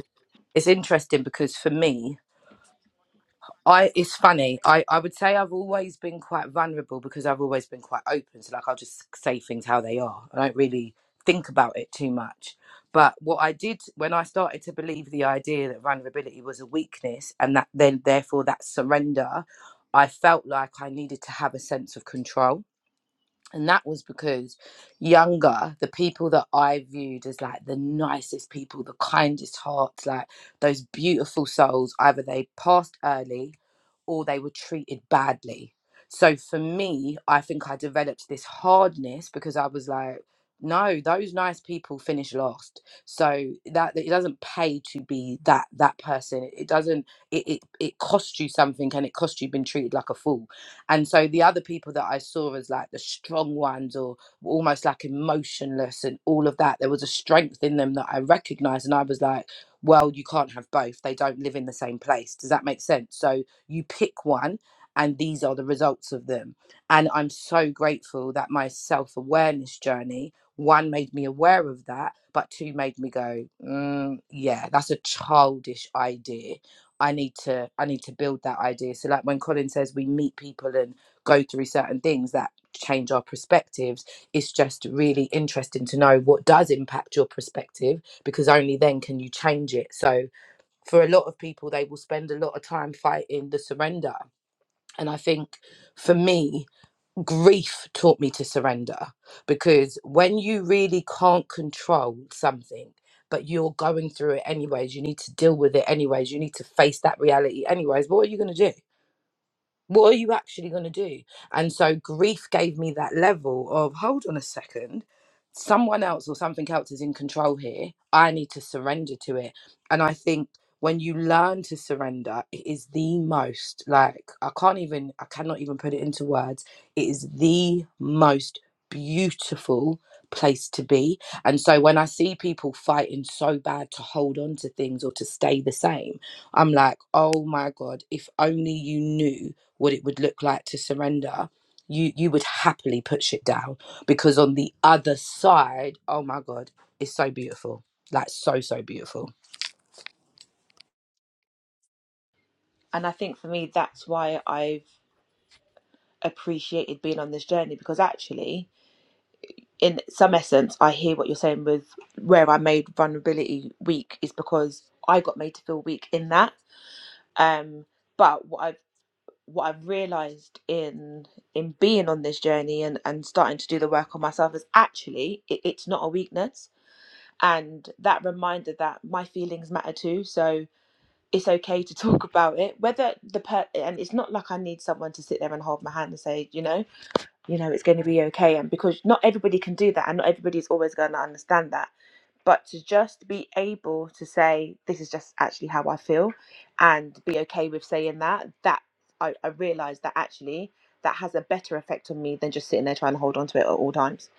S3: it's interesting because for me I it's funny. I I would say I've always been quite vulnerable because I've always been quite open. So like I'll just say things how they are. I don't really think about it too much. But what I did when I started to believe the idea that vulnerability was a weakness and that then therefore that surrender, I felt like I needed to have a sense of control and that was because younger, the people that I viewed as like the nicest people, the kindest hearts, like those beautiful souls, either they passed early or they were treated badly. So for me, I think I developed this hardness because I was like, no, those nice people finish last. So that it doesn't pay to be that that person. It doesn't. It it, it costs you something, and it costs you being treated like a fool. And so the other people that I saw as like the strong ones or almost like emotionless and all of that, there was a strength in them that I recognized. And I was like, well, you can't have both. They don't live in the same place. Does that make sense? So you pick one and these are the results of them. And I'm so grateful that my self awareness journey, one, made me aware of that, but two, made me go, mm, yeah, that's a childish idea I need to I need to build that idea. So like when Colin says we meet people and go through certain things that change our perspectives, it's just really interesting to know what does impact your perspective because only then can you change it. So for a lot of people they will spend a lot of time fighting the surrender. And I think for me grief taught me to surrender because when you really can't control something but you're going through it anyways you need to deal with it anyways you need to face that reality anyways But what are you going to do what are you actually going to do? And so grief gave me that level of hold on a second, someone else or something else is in control here. I need to surrender to it. And I think when you learn to surrender, it is the most like I can't even, I cannot even put it into words. It is the most beautiful place to be. And so when I see people fighting so bad to hold on to things or to stay the same, I'm like, oh my God, if only you knew what it would look like to surrender, you you would happily put shit down because on the other side, oh my god, it's so beautiful, like so so beautiful.
S1: And I think for me, that's why I've appreciated being on this journey because actually in some essence, I hear what you're saying with where I made vulnerability weak is because I got made to feel weak in that. Um, but what I've what I've realised in in being on this journey and, and starting to do the work on myself is actually it, it's not a weakness. And that reminder that my feelings matter too. So it's okay to [laughs] talk about it. Whether the per and it's not like I need someone to sit there and hold my hand and say, you know, you know, it's going to be okay. And because not everybody can do that, and not everybody's always going to understand that. But to just be able to say, this is just actually how I feel, and be okay with saying that, that I, I realized that actually that has a better effect on me than just sitting there trying to hold on to it at all times.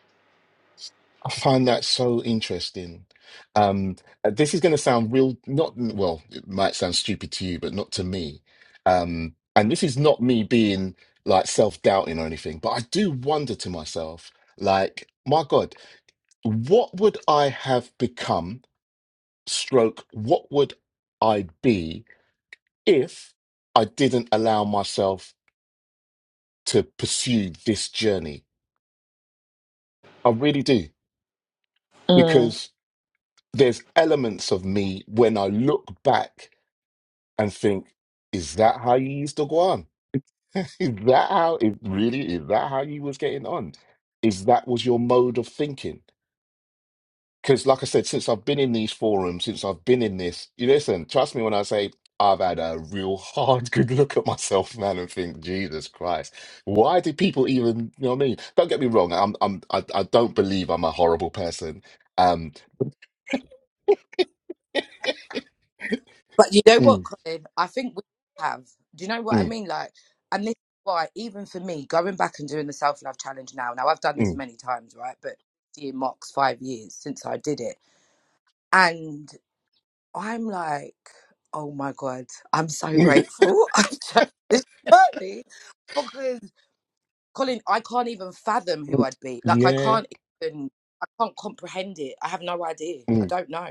S2: I find that so interesting. Um, uh, this is going to sound real, not well, it might sound stupid to you, but not to me. Um, and this is not me being like self doubting or anything, but I do wonder to myself, like, my God, what would I have become, stroke, what would I be if I didn't allow myself to pursue this journey? I really do,
S1: Mm.
S2: because there's elements of me when I look back and think, is that how you used to go on? [laughs] Is that how it really is that how you was getting on? Is that was your mode of thinking? Because like I said, since I've been in these forums, since I've been in this, you listen, trust me when I say I've had a real hard [laughs] good look at myself, man, and think, Jesus Christ, why do people even, you know what I mean? Don't get me wrong, I'm I'm I, I don't believe I'm a horrible person. Um
S3: But you know what,
S2: mm,
S3: Colin? I think we have. Do you know what I
S2: mm,
S3: mean? Like, and this is why even for me, going back and doing the self love challenge now. Now I've done this
S2: mm,
S3: many times, right? But it marks five years since I did it, and I'm like, oh my god, I'm
S2: [laughs]
S3: so
S2: mm,
S3: grateful. [laughs] I've chosen this journey because Colin, I can't even fathom who I'd be. Like, I
S2: yeah,
S3: can't even, I can't comprehend it. I have no idea. I
S2: mm,
S3: don't know.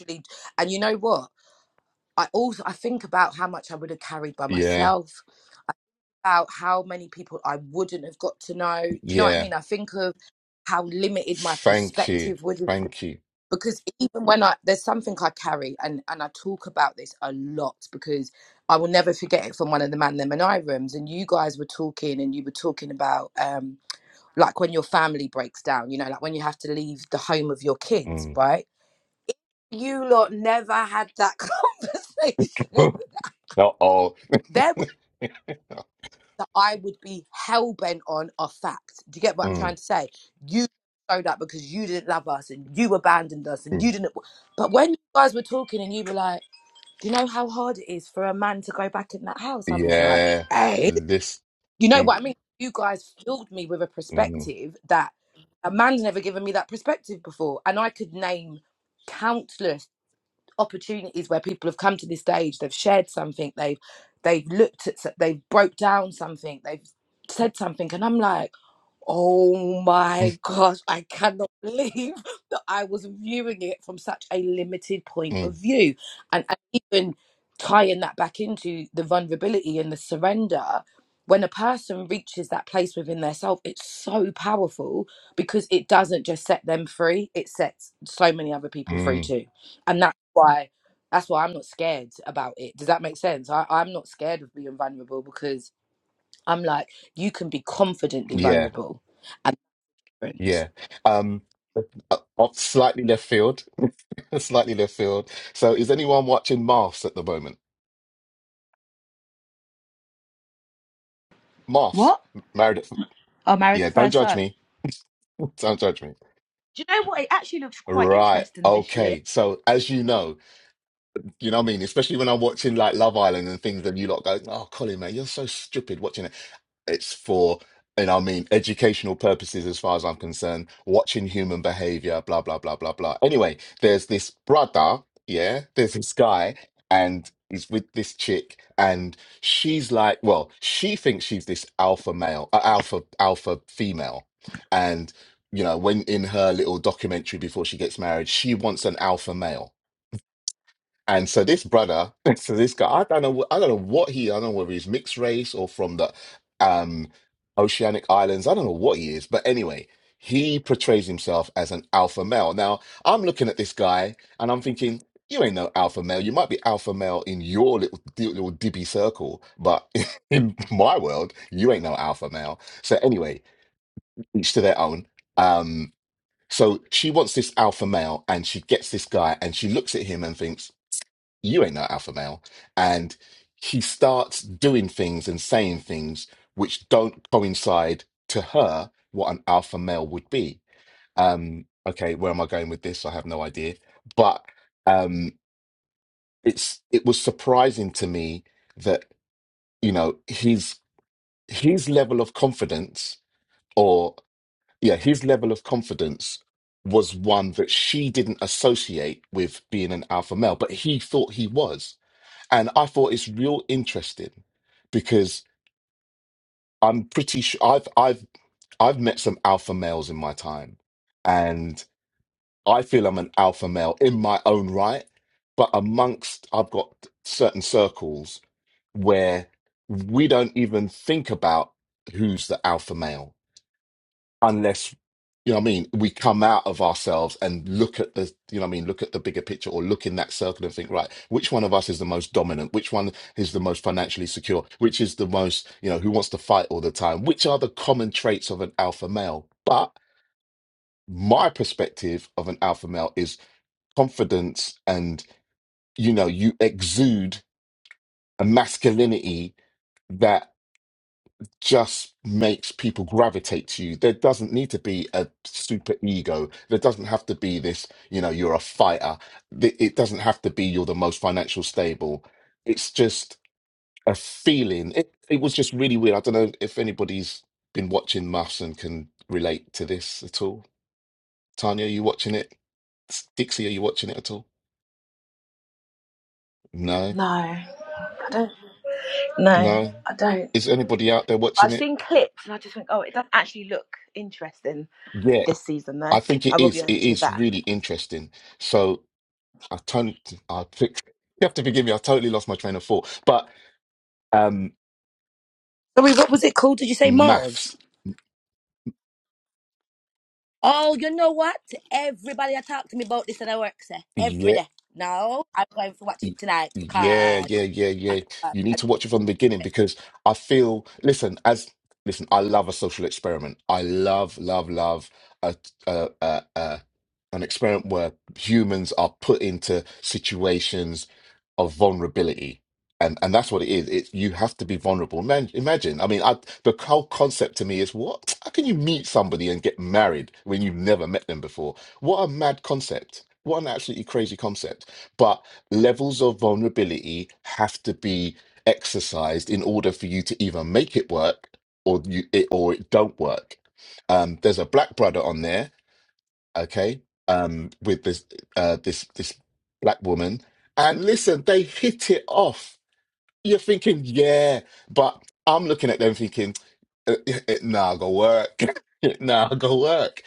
S3: Literally. And you know what? I also, I think about how much I would have carried by
S2: yeah,
S3: myself, about how many people I wouldn't have got to know. Do you know what I
S2: yeah.
S3: mean? I think of how limited my
S2: Thank you.
S3: perspective would have been.
S2: Thank you.
S3: Because even when I, there's something I carry, and, and I talk about this a lot because I will never forget it from one of the Man Them and I rooms. And you guys were talking, and you were talking about, um, like when your family breaks down, you know, like when you have to leave the home of your kids,
S2: Mm.
S3: right? You lot never had that [laughs] conversation.
S2: [laughs] Not all.
S3: There
S2: [laughs]
S3: was that I would be hell bent on are fact. Do you get what I'm trying
S2: Mm,
S3: to say? You showed up because you didn't love us and you abandoned us and
S2: mm.
S3: you didn't. But when you guys were talking and you were like, "Do you know how hard it is for a man to go back in that house?" I was like,
S2: Yeah.
S3: "Eh?"
S2: This.
S3: You know
S2: Mm,
S3: what I mean? You guys filled me with a
S2: mm,
S3: perspective that a man's never given me that perspective before. And I could name countless opportunities where people have come to this stage, they've shared something, they've they've looked at so- they've broke down something, they've said something, and I'm like Oh my gosh, I cannot believe [laughs] that I was viewing it from such a limited point
S2: mm,
S3: of view. And, and even tying that back into the vulnerability and the surrender, when a person reaches that place within their self, it's so powerful because it doesn't just set them free, it sets so many other people free
S2: mm.
S3: too. And that's why that's why I'm not scared about it. Does that make sense? I, I'm not scared of being vulnerable because I'm like, you can be confidently
S2: Yeah.
S3: vulnerable and different.
S2: Yeah. Um, uh, uh, slightly left field. [laughs] slightly left field. So, is anyone watching Marfs at the moment? Marfs,
S1: What?
S2: married. At,
S1: Oh, Married
S2: yeah,
S1: at
S2: don't
S1: First
S2: judge
S1: Sight.
S2: me. [laughs] Don't judge me.
S1: Do you know what? It actually looks quite
S2: Right.
S1: interesting this year.
S2: Okay. So, as you know. You know what I mean? Especially when I'm watching like Love Island and things, and you lot go, "Oh, Colin, man, you're so stupid watching it." It's for, you know, what I mean, educational purposes as far as I'm concerned. Watching human behavior, blah blah blah blah blah. Anyway, there's this brother, yeah, there's this guy, and he's with this chick, and she's like, well, she thinks she's this alpha male, uh, alpha alpha female, and you know, when in her little documentary before she gets married, she wants an alpha male and so this brother, [laughs] so this guy, I don't know, I don't know what he, I don't know whether he's mixed race or from the um, Oceanic Islands. I don't know what he is, but anyway, he portrays himself as an alpha male. Now I'm looking at this guy and I'm thinking, you ain't no alpha male. You might be alpha male in your little little dibby circle, but [laughs] in my world, you ain't no alpha male. So anyway, each to their own. Um, so she wants this alpha male, and she gets this guy, and she looks at him and thinks you ain't no alpha male. And she starts doing things and saying things which don't coincide to her what an alpha male would be. Um, okay, where am I going with this? I have no idea. But um, it's it was surprising to me that you know his his level of confidence or yeah his level of confidence was one that she didn't associate with being an alpha male, but he thought he was and I thought it's real interesting because I'm pretty sure I've I've I've met some alpha males in my time, and I feel I'm an alpha male in my own right. But amongst I've got certain circles where we don't even think about who's the alpha male unless you know what I mean we come out of ourselves and look at the you know what I mean look at the bigger picture or look in that circle and think right which one of us is the most dominant which one is the most financially secure which is the most you know who wants to fight all the time which are the common traits of an alpha male but my perspective of an alpha male is confidence and you know you exude a masculinity that. just makes people gravitate to you. There doesn't need to be a super ego. There doesn't have to be this, you know, you're a fighter. Th- It doesn't have to be you're the most financial stable. It's just a feeling. It, it was just really weird. I don't know if anybody's been watching Muffs and can relate to this at all. Tanya, are you watching it? S- Dixie, are you watching it at all? No,
S1: No, I don't. No,
S2: no.
S1: I don't.
S2: Is anybody out there watching
S1: I've
S2: it?
S1: seen clips and I just think, oh, it doesn't actually look interesting
S2: Yeah,
S1: this season, though.
S2: I think
S1: I
S2: it
S1: will be
S2: is. It
S1: honest with
S2: is
S1: that.
S2: really interesting. So I totally, I, [laughs] you have to forgive me. I totally lost my train of thought. But um,
S3: Sorry, what was it called? Did you say Mars?
S2: maths,
S3: Oh, you know what? Everybody I talk to me about this at I work, sir. Every
S2: yeah,
S3: day. No, I'm going to watch
S2: y-
S3: it tonight
S2: yeah,
S3: because
S2: yeah, yeah,
S3: I
S2: yeah.
S3: think I,
S2: You
S3: I,
S2: need to watch it from the beginning because I feel. Listen, as listen, I love a social experiment. I love, love, love a, a, a, a an experiment where humans are put into situations of vulnerability. And and that's what it is. It's you have to be vulnerable. Man, imagine. I mean, I, the whole concept to me is what? How can you meet somebody and get married when you've never met them before? What a mad concept. What an absolutely crazy concept. But levels of vulnerability have to be exercised in order for you to either make it work or you it, or it don't work. Um, there's a black brother on there okay, um, with this uh, this this black woman, and listen, they hit it off. You're thinking, yeah, but I'm looking at them thinking, uh, [laughs] nah, go work, [laughs] nah, go work.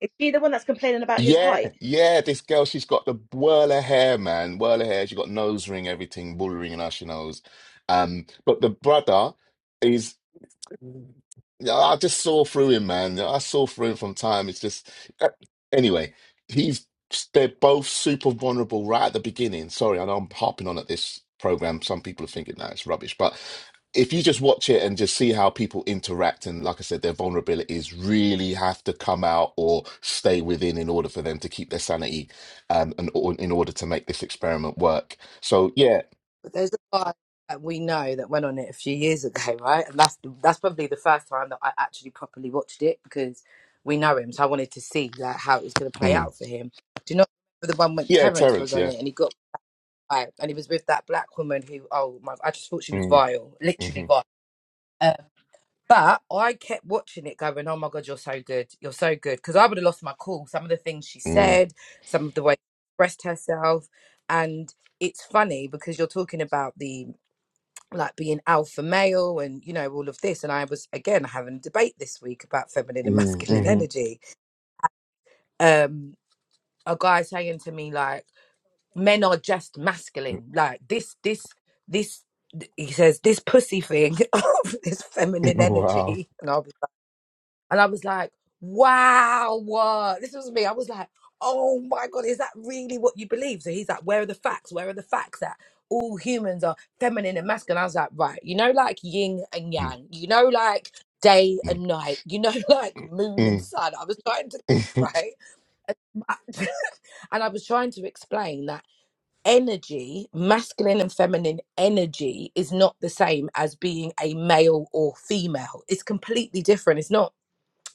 S1: Is he the one that's complaining about his
S2: Yeah,
S1: height?
S2: yeah, this girl, she's got the whirl of hair, man, whirl of hair. She got nose ring, everything, bull ring, and all she knows. Um, but the brother. is. Yeah, I just saw through him, man. I saw through him from time. It's just uh, anyway, he's they're both super vulnerable right at the beginning. Sorry, I know I'm harping on at this program. Some people are thinking that it's rubbish, but if you just watch it and just see how people interact and like I said, their vulnerabilities really have to come out or stay within in order for them to keep their sanity um, and or in order to make this experiment work. So yeah,
S3: but there's a guy that we know that went on it a few years ago, [laughs] right? And that's the, that's probably the first time that I actually properly watched it because we know him. So I wanted to see like how it was going to play
S2: mm,
S3: out for him. Do you know the one when
S2: yeah,
S3: Terrence was
S2: Terrence,
S3: on
S2: yeah.
S3: it and he got Right. And he was with that black woman who, oh my, I just thought she was
S2: Mm,
S3: vile, literally
S2: hmm
S3: vile. Uh, but I kept watching it going, oh my God, you're so good. You're so good. Because I would have lost my cool. Some of the things she
S2: mm,
S3: said, some of the way she expressed herself. And it's funny because you're talking about the like being alpha male and, you know, all of this. And I was, again, having a debate this week about feminine and [laughs]
S2: mm,
S3: masculine
S2: hmm
S3: energy. Um, a guy saying to me, like, men are just masculine. Like this, this, this. He says this pussy thing [laughs] of this
S2: [laughs]
S3: feminine
S2: Wow.
S3: energy, and I was like, and I was like, wow, what? This was me. I was like, oh my god, is that really what you believe? So he's like, where are the facts? Where are the facts at? All humans are feminine and masculine. I was like, right, you know, like yin and
S2: Mm,
S3: yang. You know, like day
S2: mm,
S3: and night. You know, [laughs] like moon and
S2: mm,
S3: sun. I was trying to give
S2: mm,
S3: right, [laughs] and I was trying to explain that energy, masculine and feminine energy, is not the same as being a male or female. It's completely different. It's not.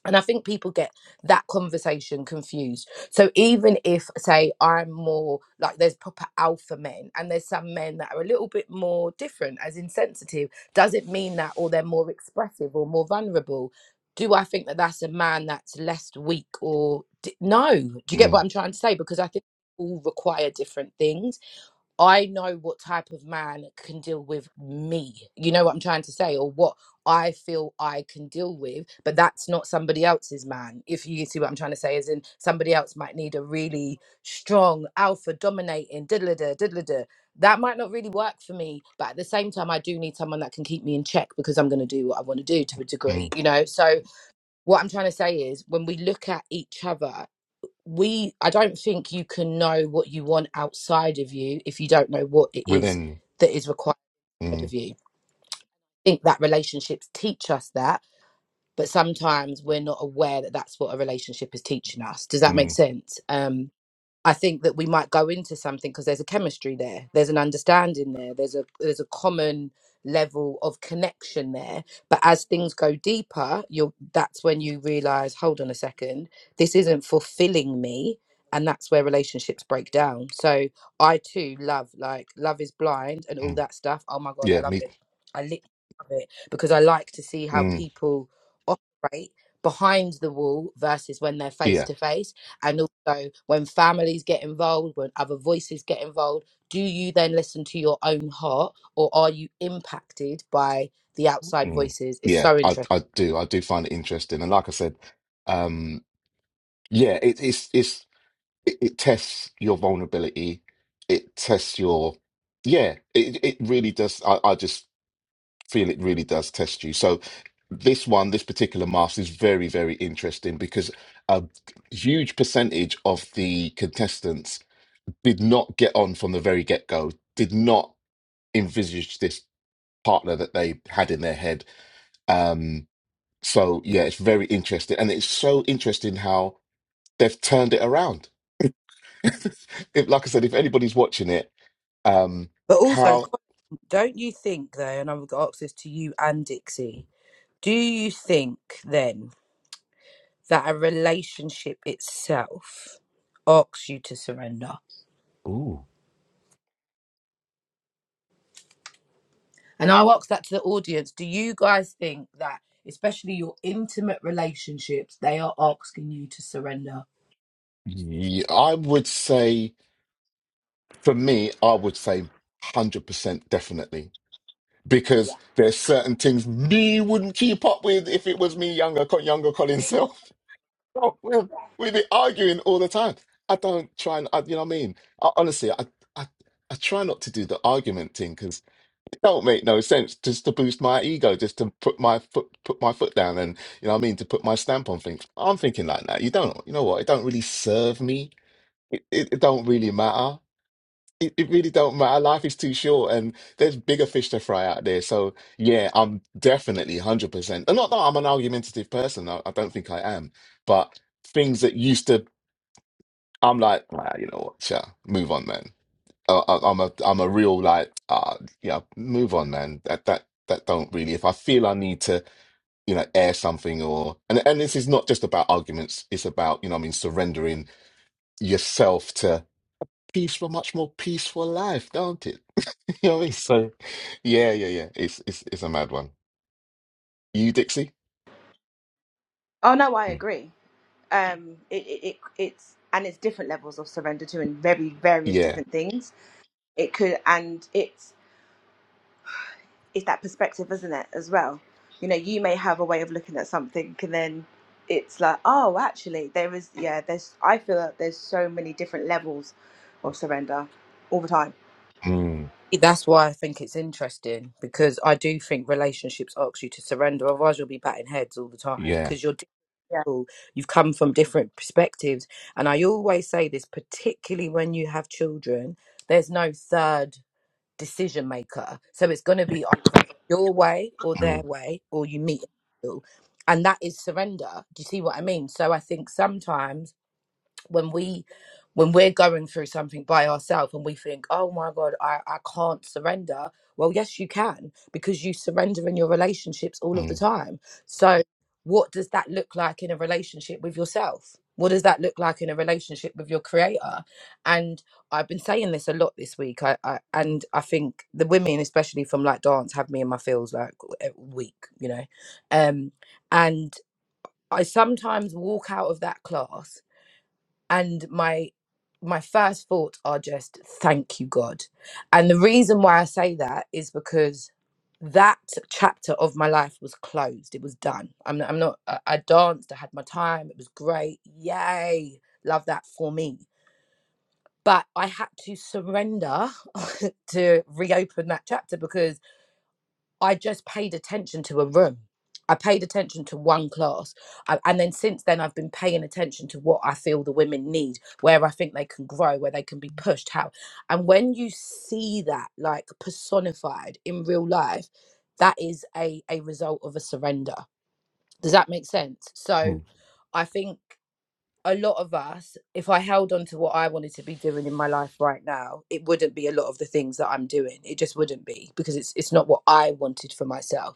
S3: And I think people get that conversation confused. So even if, say, I'm more like there's proper alpha men and there's some men that are a little bit more different, as insensitive, does it mean that or they're more expressive or more vulnerable? Do I think that that's a man that's less weak or d- no? Do
S2: [laughs]
S3: you get what
S2: mm.
S3: I'm trying to say? Because I think all require different things I know what type of man can deal with me. You know what I'm trying to say, or what I feel I can deal with, but that's not somebody else's man. If you see what I'm trying to say, as in somebody else might need a really strong alpha dominating diddle da diddle da. That might not really work for me, but at the same time, I do need someone that can keep me in check because I'm going to do what I want to do to a degree,
S2: mm.
S3: you know. So what I'm trying to say is, when we look at each other we i don't think you can know what you want outside of you if you don't know what it is
S2: Within.
S3: that is required
S2: Mm,
S3: of you i think that relationships teach us that but sometimes we're not aware that that's what a relationship is teaching us does that make
S2: mm,
S3: sense um I think that we might go into something because there's a chemistry there, there's an understanding there, there's a there's a common level of connection there. But as things go deeper, you'll that's when you realize, hold on a second, this isn't fulfilling me, and that's where relationships break down. So I too love like Love Is Blind and all
S2: mm.
S3: that stuff. Oh my god, I
S2: Yeah,
S3: love
S2: me.
S3: it. I literally love it because I like to see how
S2: Mm,
S3: people operate behind the wall versus when they're face
S2: yeah.
S3: to face and also when families get involved when other voices get involved do you then listen to your own heart or are you impacted by the outside
S2: Mm,
S3: voices it's
S2: yeah,
S3: so
S2: I,
S3: interesting
S2: I do. I do find it interesting. And like I said, um, yeah, it, it's, it's, it, it tests your vulnerability. It tests your, yeah, it, it really does. I, I just feel it really does test you. So this one, this particular mask is very, very interesting because a huge percentage of the contestants did not get on from the very get go, did not envisage this partner that they had in their head. Um, so, yeah, it's very interesting. And it's so interesting how they've turned it around. [laughs] if, like I said, if anybody's watching it, um,
S3: but also
S2: how,
S3: don't you think though and i've got to ask this to you and dixie do you think then that a relationship itself asks you to surrender
S2: ooh,
S3: and i'll ask that to the audience do you guys think that especially your intimate relationships they are asking you to surrender
S2: yeah, I would say, for me, I would say 100% definitely. Because there's certain things me wouldn't keep up with if it was me younger, co- younger Colin Self. Oh, we've, we've been arguing all the time. I don't try and, I, you know what I mean? I, honestly, I, I, I try not to do the argument thing because it don't make no sense just to boost my ego, just to put my foot, put my foot down and, you know what I mean, to put my stamp on things. I'm thinking like that. You don't, you know what? It don't really serve me. It, it, it don't really matter. It, it really don't matter. Life is too short, and there's bigger fish to fry out there. So yeah, I'm definitely 100%. And not that I'm an argumentative person. I, I don't think I am. But things that used to, I'm like, ah, you know what, sure, move on, man. Uh, I, I'm a, I'm a real like, uh, yeah, move on, man. That that that don't really. If I feel I need to, you know, air something or, and and this is not just about arguments. It's about, you know, what I mean, surrendering yourself to peaceful, much more peaceful life, don't it? [laughs] You know, it's so yeah, yeah, yeah. It's it's it's a mad one. You, Dixie?
S1: Oh no, I
S2: Mm.
S1: agree. Um, it, it, it it's and it's different levels of surrender to and very various
S2: Yeah.
S1: different things. It could and it's it's that perspective, isn't it, as well? You know, you may have a way of looking at something, and then it's like, oh, actually, there is, yeah, there's, I feel that there's so many different levels of surrender all the time.
S2: Mm.
S3: That's why I think it's interesting because I do think relationships ask you to surrender, otherwise you'll be batting heads all the time
S2: Yeah.
S3: because you're
S1: Yeah.
S3: difficult. You've come from different perspectives, and I always say this, particularly when you have children. There's no third decision maker, so it's going to be either your way or their
S2: Mm.
S3: way, or you meet in the middle, and that is surrender. Do you see what I mean? So I think sometimes when we when we're going through something by ourselves and we think oh my god I, I can't surrender well yes you can because you surrender in your relationships all of the
S2: Mm.
S3: time so what does that look like in a relationship with yourself what does that look like in a relationship with your creator and i've been saying this a lot this week i, I and i think the women especially from like dance have me in my feels like a week you know um and i sometimes walk out of that class and my my first thoughts are just thank you god and the reason why i say that is because that chapter of my life was closed it was done i'm, I'm not I, I danced i had my time it was great yay love that for me but i had to surrender [laughs] to reopen that chapter because I just paid attention to a room. I paid attention to one class. I, and then since then, I've been paying attention to what I feel the women need, where I think they can grow, where they can be pushed, how. And when you see that, like personified in real life, that is a, a result of a surrender. Does that make sense?
S2: Mm.
S3: So I think a lot of us, if I held on to what I wanted to be doing in my life right now, it wouldn't be a lot of the things that I'm doing. It just wouldn't be because it's it's not what I wanted for myself.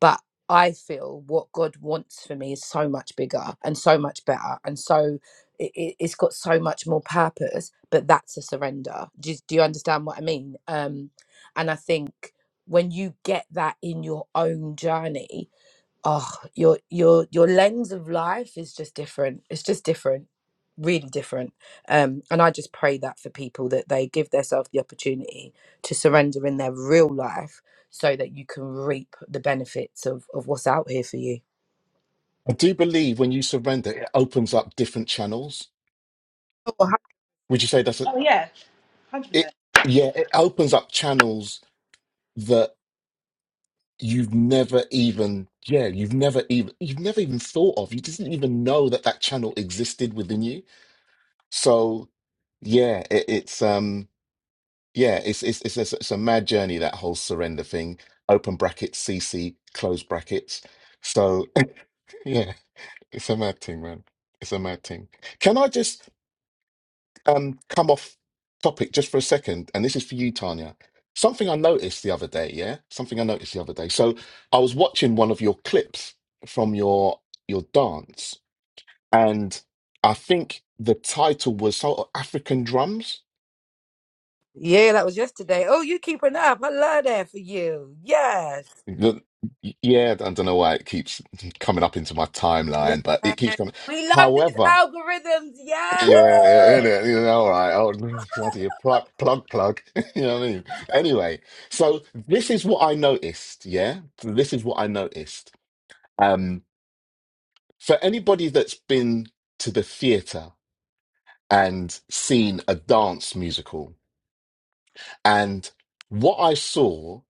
S3: But I feel what God wants for me is so much bigger and so much better and so it, it- it's got so much more purpose. But that's a surrender. Do you, do you understand what I mean? Um, and I think when you get that in your own journey, oh your your your lens of life is just different it's just different really different um and i just pray that for people that they give themselves the opportunity to surrender in their real life so that you can reap the benefits of of what's out here for you
S2: I do believe when you surrender, it opens up different channels.
S3: oh, hi-
S2: Would you say that's a
S1: Oh yeah, one hundred
S2: it?
S1: percent.
S2: Yeah, it opens up channels that you've never even yeah you've never even you've never even thought of. You didn't even know that that channel existed within you. So yeah, it, it's um. Yeah, it's it's it's a, it's a mad journey that whole surrender thing. Open brackets, CC, close brackets. So [laughs] yeah, it's a mad thing, man. It's a mad thing. Can I just um come off topic just for a second? And this is for you, Tanya. Something I noticed the other day, yeah? Something I noticed the other day. So I was watching one of your clips from your your dance, and I think the title was so African drums.
S3: yeah that was yesterday oh you keeping up i love that for you yes
S2: The, yeah, I don't know why it keeps [laughs] coming up into my
S3: yeah
S2: timeline, but it keeps coming.
S3: we love these
S2: However,
S3: algorithms yeah
S2: yeah, innit, you know, all right, oh, [laughs] no, bloody plug, plug, plug. [laughs] You know what I mean? Anyway, so this is what I noticed. Yeah, So this is what I noticed. Um, for anybody that's been to the theatre and seen a dance musical, and what I saw.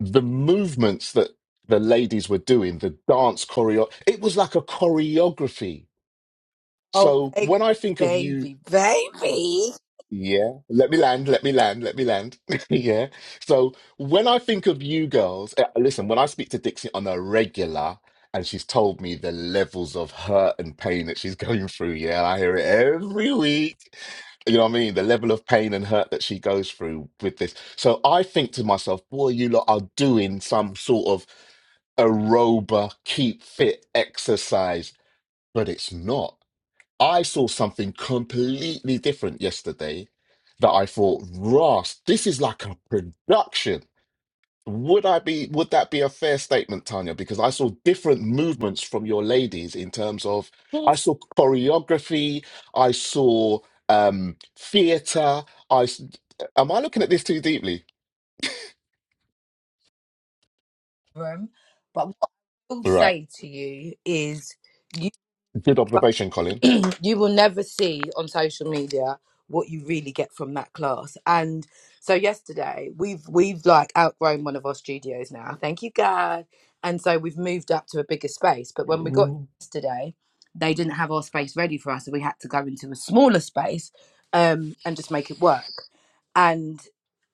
S2: the movements that the ladies were doing, the dance choreo, it was like a choreography.
S3: oh
S2: So
S3: baby
S2: when I think of you
S3: baby baby
S2: yeah, let me land, let me land, let me land. [laughs] Yeah. So when I think of you girls, uh, listen, when I speak to Dixie on a regular and she's told me the levels of hurt and pain that she's [laughs] going through, yeah, I hear it every week. You know what I mean? The level of pain and hurt that she goes through with this. So I think to myself, boy, you lot are doing some sort of aeroba, keep fit exercise, but it's not. I saw something completely different yesterday that I thought, Ross, this is like a production. Would I be, would that be a fair statement, Tanya? Because I saw different movements from your ladies in terms of,
S3: [laughs]
S2: I saw choreography, I saw um theater, I, s- am I looking at this too deeply?
S3: room. But what I will
S2: Right.
S3: say to you is, you
S2: Good observation, Colin.
S3: [clears throat] you will never see on social media what you really get from that class. And so yesterday we've we've like outgrown one of our studios now. Thank you God. And so we've moved up to a bigger space. But when we got
S2: Mm,
S3: yesterday, they didn't have our space ready for us, so we had to go into a smaller space um, and just make it work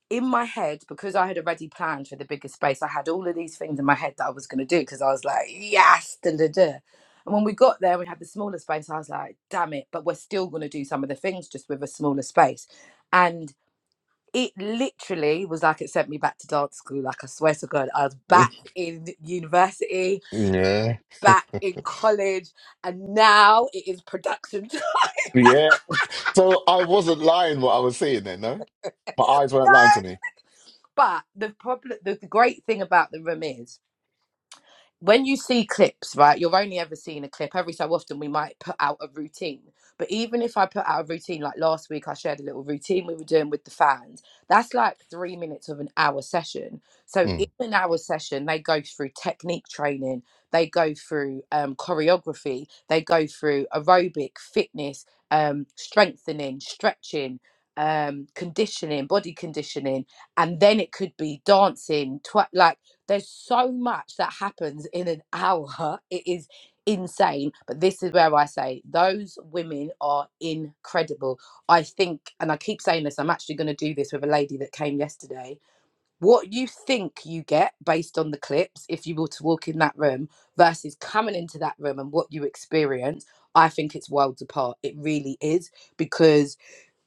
S3: in my head, because I had already planned for the bigger space, I had all of these things in my head that I was going to do because I was like, yes, da da da. And when we got there, we had the smaller space. I was like, damn it, but we're still going to do some of the things just with a smaller space. And it literally was like it sent me back to dance school. Like, I swear to God, I was
S2: [laughs] mm,
S3: back in university,
S2: Yeah.
S3: back in college, and now it is production time.
S2: Yeah. So I wasn't lying what I was seeing then, no? My eyes weren't lying to
S3: [laughs]
S2: me.
S3: But the problem, the, the great thing about the room is, when you see clips, right, you're only ever seeing a clip. Every so often, we might put out a routine. But even if I put out a routine, like last week, I shared a little routine we were doing with the fans. That's like three minutes of an hour session. So
S2: Hmm.
S3: in an hour session, they go through technique training, they go through um, choreography, they go through aerobic, fitness, um, strengthening, stretching, um, conditioning, body conditioning, and then it could be dancing, tw- like there's so much that happens in an hour. [laughs] It is insane. But this is where I say those women are incredible. I think, and I keep saying this, I'm actually going to do this with a lady that came yesterday what you think you get based on the clips if you were to walk in that room versus coming into that room and what you experience i think it's worlds apart it really is because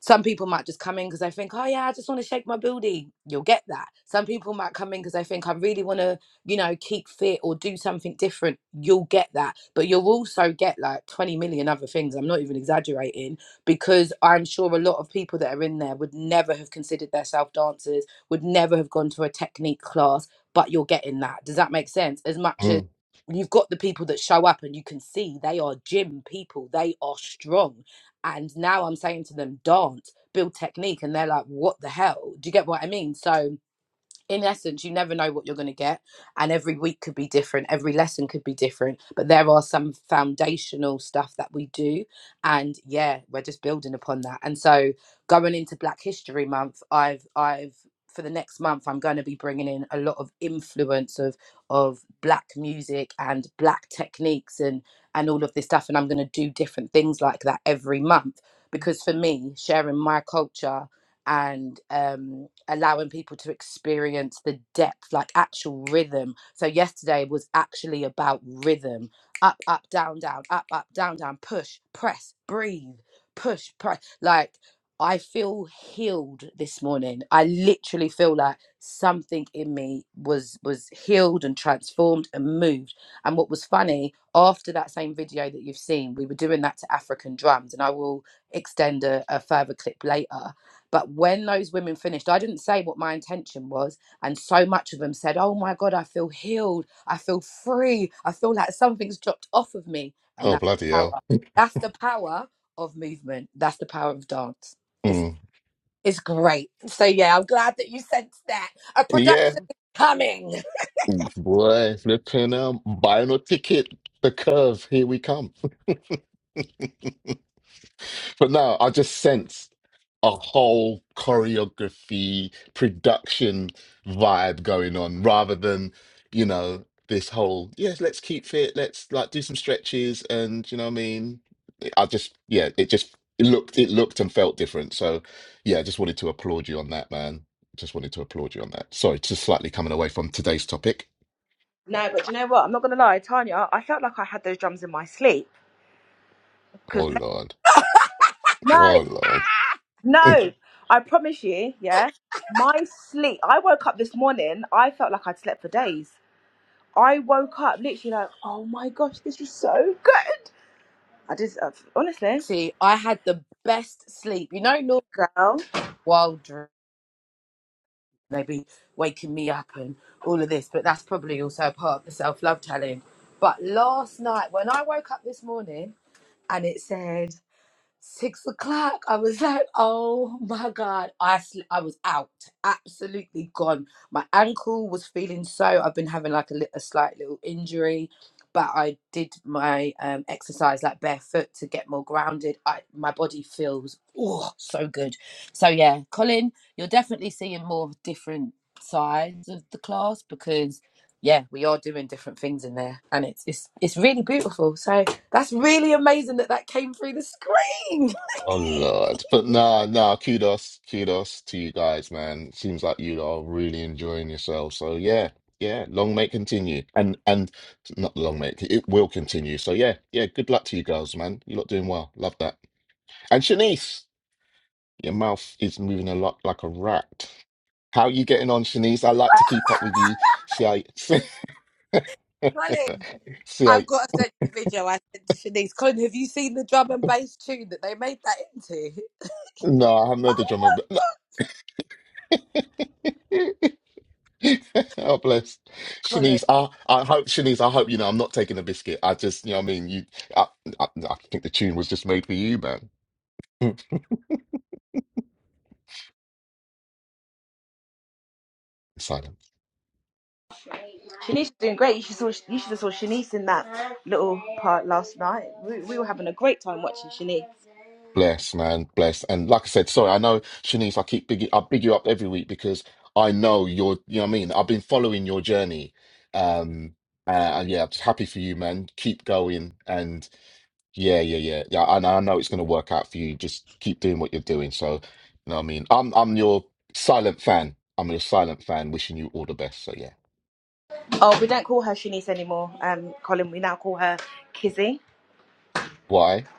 S3: some people might just come in because they think oh yeah i just want to shake my booty you'll get that some people might come in because they think i really want to you know keep fit or do something different you'll get that but you'll also get like 20 million other things i'm not even exaggerating because i'm sure a lot of people that are in there would never have considered themselves dancers would never have gone to a technique class, but you're getting that. Does that make sense? As much as
S2: Mm.
S3: you've got the people that show up and you can see they are gym people, they are strong. And now I'm saying to them, dance, build technique. And they're like, what the hell? Do you get what I mean? So, in essence, you never know what you're going to get. And every week could be different, every lesson could be different. But there are some foundational stuff that we do. And yeah, we're just building upon that. And so going into Black History Month, I've, I've, for the next month, I'm going to be bringing in a lot of influence of of black music and black techniques and and all of this stuff, and I'm going to do different things like that every month because for me, sharing my culture and um, allowing people to experience the depth, like actual rhythm. So yesterday was actually about rhythm: up, up, down, down, up, up, down, down, push, press, breathe, push, press. Like I feel healed this morning. I literally feel like something in me was was healed and transformed and moved. And what was funny after that same video that you've seen, we were doing that to African drums, and I will extend a, a further clip later but when those women finished, I didn't say what my intention was. And so much of them said, Oh my God, I feel healed. I feel free. I feel like something's dropped off of me. And
S2: Oh,
S3: that's
S2: bloody
S3: the
S2: hell.
S3: power. That's the power of movement. That's the power of dance. It's
S2: Mm.
S3: it's great. So yeah, I'm glad that you sensed that. A product
S2: Yeah.
S3: coming.
S2: [laughs] Boy, flipping um, buying a ticket. The curve, here we come. But no, I just sense a whole choreography production vibe going on rather than, you know, this whole, yes, let's keep fit, let's like do some stretches and, you know what I mean? I just yeah, it just it looked it looked and felt different. So yeah, I just wanted to applaud you on that, man. Just wanted to applaud you on that. Sorry, just slightly coming away from today's topic.
S1: No, but do you know what? I'm not going to lie, Tanya, I felt like I had those drums in my sleep.
S2: Oh
S1: Because,
S2: Lord.
S1: no,
S2: Oh Lord. [laughs]
S1: no, I promise you, yeah, my sleep, I woke up this morning, I felt like I'd slept for days. I woke up literally like, oh my gosh, this is so good. I just uh, honestly,
S3: See, I had the best sleep. You know, normal
S1: girl,
S3: wild dreams. Maybe waking me up and all of this, but that's probably also a part of the self love challenge. But last night, when I woke up this morning and it said six o'clock. I was like, oh my God. I, sl- I was out, absolutely gone. My ankle was feeling so, I've been having like a, lit- a slight little injury, but I did my um, exercise like barefoot to get more grounded. I, my body feels oh so good. So yeah, Colin, you're definitely seeing more different sides of the class because yeah, we are doing different things in there and it's it's it's really beautiful. So that's really amazing that that came through the screen. [laughs]
S2: Oh Lord. But nah, nah, kudos, kudos to you guys, man. Seems like you are really enjoying yourself. So yeah, yeah, long may it continue. And and not long may it, it will continue. So yeah, yeah, good luck to you girls, man. You're doing well. Love that. And Shanice, your mouth is moving a lot like a rat. How you getting on, Shanice? I like to keep up with you. See, I, [laughs]
S3: Colin,
S2: see,
S3: I've
S2: I,
S3: got to send you the video I sent to Shanice. Colin, have you seen the drum and bass tune that they made that into?
S2: no, I haven't the drummer. But [laughs] oh, bless
S3: Colin,
S2: Shanice. I, I hope Shanice. I hope you know I'm not taking a biscuit. I just, you know, what I mean, you. I, I, I think the tune was just made for you, man. Mm. Silence.
S1: Shanice is doing great. You should saw you should have saw Shanice in that little part last night. We, we were having a great time watching Shanice.
S2: Bless, man, bless. And like I said, sorry, I know Shanice. I keep big. I big you up every week because I know you're. You know, what I mean, I've been following your journey. Um, uh, and yeah, I'm just happy for you, man. Keep going, and Yeah, yeah, yeah, yeah. I, know, I know it's going to work out for you. Just keep doing what you're doing. So, you know what I mean? I'm I'm your silent fan. I'm your silent fan, wishing you all the best. So, yeah.
S1: Oh, we don't call her Shanice anymore, um, Colin. We now call her Kizzy.
S2: Why?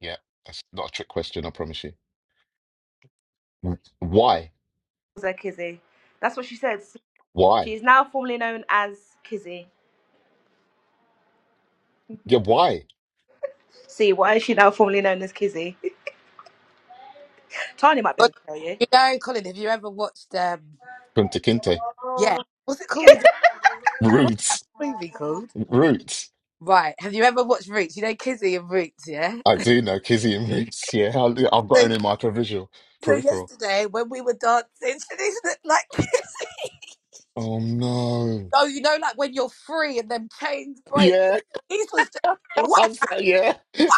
S2: Yeah, that's not a trick question, I promise you. Mm. Why?
S1: Calls her Kizzy. That's what she says.
S2: Why?
S1: She is now formally known as Kizzy.
S2: Yeah, why?
S1: See, why is she now formally known as Kizzy? [laughs] Tanya might be
S3: Colin,
S1: able to tell you.
S3: you know, Colin, have you ever watched, um,
S2: Kunta Kinte.
S3: yeah, what's it called again? What's that
S2: Roots.
S3: movie called?
S2: Roots.
S3: Right, have you ever watched Roots? You know Kizzy and Roots, yeah?
S2: I do know Kizzy and Roots. Yeah, I, I've got
S3: So,
S2: it in my peripheral.
S3: so
S2: Peripheral.
S3: yesterday when we were dancing, Shanice looked like [laughs] Kizzy.
S2: Oh no.
S3: Oh, you know, like when you're free and them chains break.
S2: Yeah,
S3: These was just
S2: [laughs] I
S3: whacking.
S2: was like, yeah. [laughs]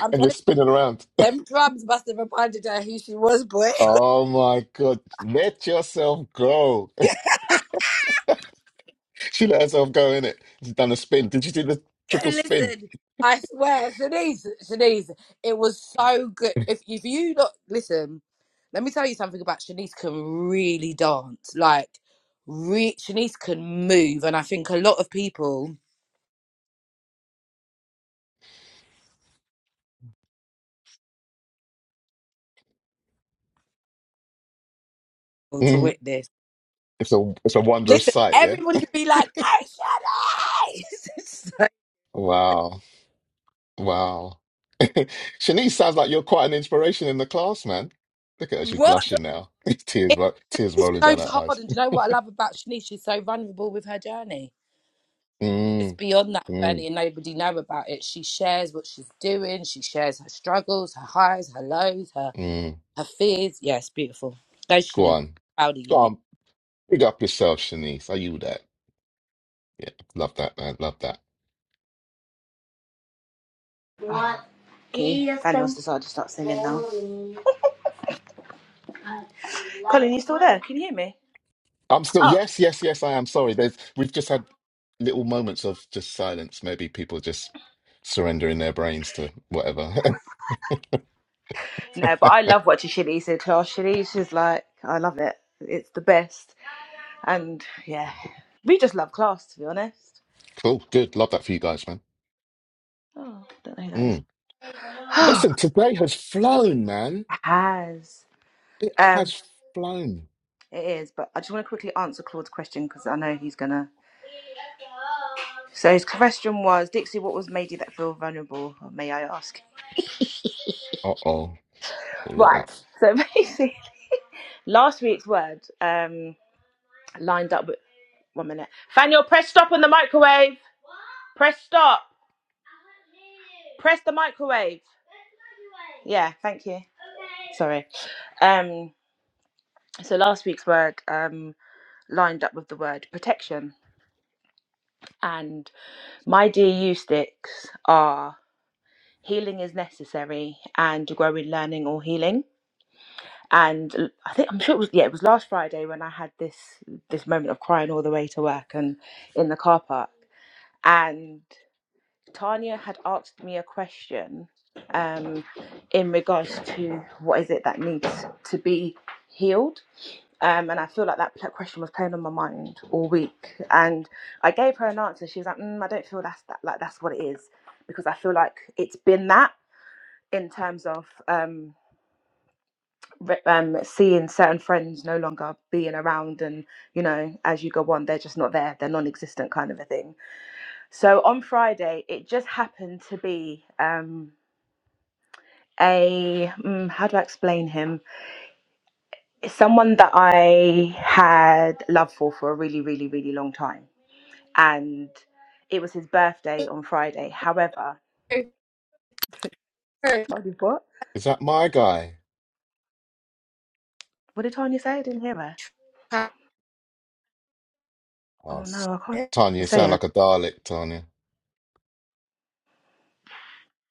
S3: I'm
S2: And
S3: telling
S2: you're spinning around.
S3: you, them drums must have reminded her who she was, boy. [laughs]
S2: Oh my God. Let yourself go. [laughs]
S3: Yeah.
S2: She let herself go in it. She's done a spin. Did you do the
S3: So
S2: triple spin?
S3: listen, I swear, Shanice, Shanice, it was so good. If if you not listen, let me tell you something about Shanice can really dance. Like, re- Shanice can move, and I think a lot of people will to
S2: hmm
S3: witness.
S2: It's a it's a wondrous
S3: Listen,
S2: sight, yeah?
S3: everybody be like, "Go Shanice!" [laughs] It's like,
S2: Wow. Wow. [laughs] Shanice sounds like you're quite an inspiration in the class, man. Look at her, she's
S3: what?
S2: blushing now. [laughs] Tears
S3: It
S2: ro tears rolling down
S3: goes
S2: her
S3: hard,
S2: eyes.
S3: and do you know what I love about Shanice? She's so vulnerable with her journey. It's
S2: Mm,
S3: beyond that
S2: mm,
S3: journey and nobody know about it. She shares what she's doing. She shares her struggles, her highs, her lows, her
S2: mm.
S3: her fears. Yeah, it's beautiful. Go,
S2: Go
S3: Shanice.
S2: on.
S3: Proud of you,
S2: Go
S3: mate.
S2: on. Big up yourself, Shanice. Are you that? Yeah. Love that, man. Love that.
S1: What? Okay, Daniel's decided to start singing now. Colin, you still there? Can you hear me?
S2: I'm still
S1: Oh.
S2: yes, yes, yes. I am sorry. There's we've just had little moments of just silence. Maybe people just surrendering their brains to whatever.
S1: No, but
S2: [laughs]
S1: I love watching Shanice in class. Shanice is like, I love it. It's the best. And yeah, we just love class, to be honest.
S2: cool, good. Love that for you guys, man.
S1: Oh, don't know who that is.
S2: Mm.
S1: [gasps] [sighs]
S2: Listen, today has flown, man.
S1: Oh, has.
S2: It
S1: Um,
S2: has flown.
S1: it is, but I just want to quickly answer Claude's question because I know he's going to. So his question was, Dixie, what was made you that feel vulnerable, Oh, may I ask?
S2: Uh oh,
S1: Right.
S2: lots.
S1: So [laughs] basically, last week's word um, lined up with, one minute. Fan your press stop on the microwave. Press stop. Press the microwave. Yeah, thank you. Sorry. Um, so last week's word um, lined up with the word protection. And my DU sticks are healing is necessary and to grow in learning or healing. And l- I think I'm sure it was yeah, it was last Friday when I had this this moment of crying all the way to work and in the car park. and. Tanya had asked me a question um, in regards to what is it that needs to be healed. Um, and I feel like that question was playing on my mind all week. And I gave her an answer. She was like, mm, I don't feel that's that, like that's what it is, because I feel like it's been that in terms of um, re- um, seeing certain friends no longer being around, and you know, as you go on, they're just not there, they're non-existent kind of a thing. So on Friday, it just happened to be. Um, a mm, how do I explain him? Someone that I had love for for a really, really, really long time, and it was his birthday on Friday. However,
S3: Very,
S1: [laughs]
S3: very
S1: Tanya, what?
S2: Is that my guy?
S1: What did Tanya say? I didn't hear her.
S3: passionate.
S2: Oh,
S1: Oh
S2: s-
S1: no, I can't.
S2: Tanya,
S1: You
S2: you sound
S1: saying?
S2: like a Dalek, Tanya.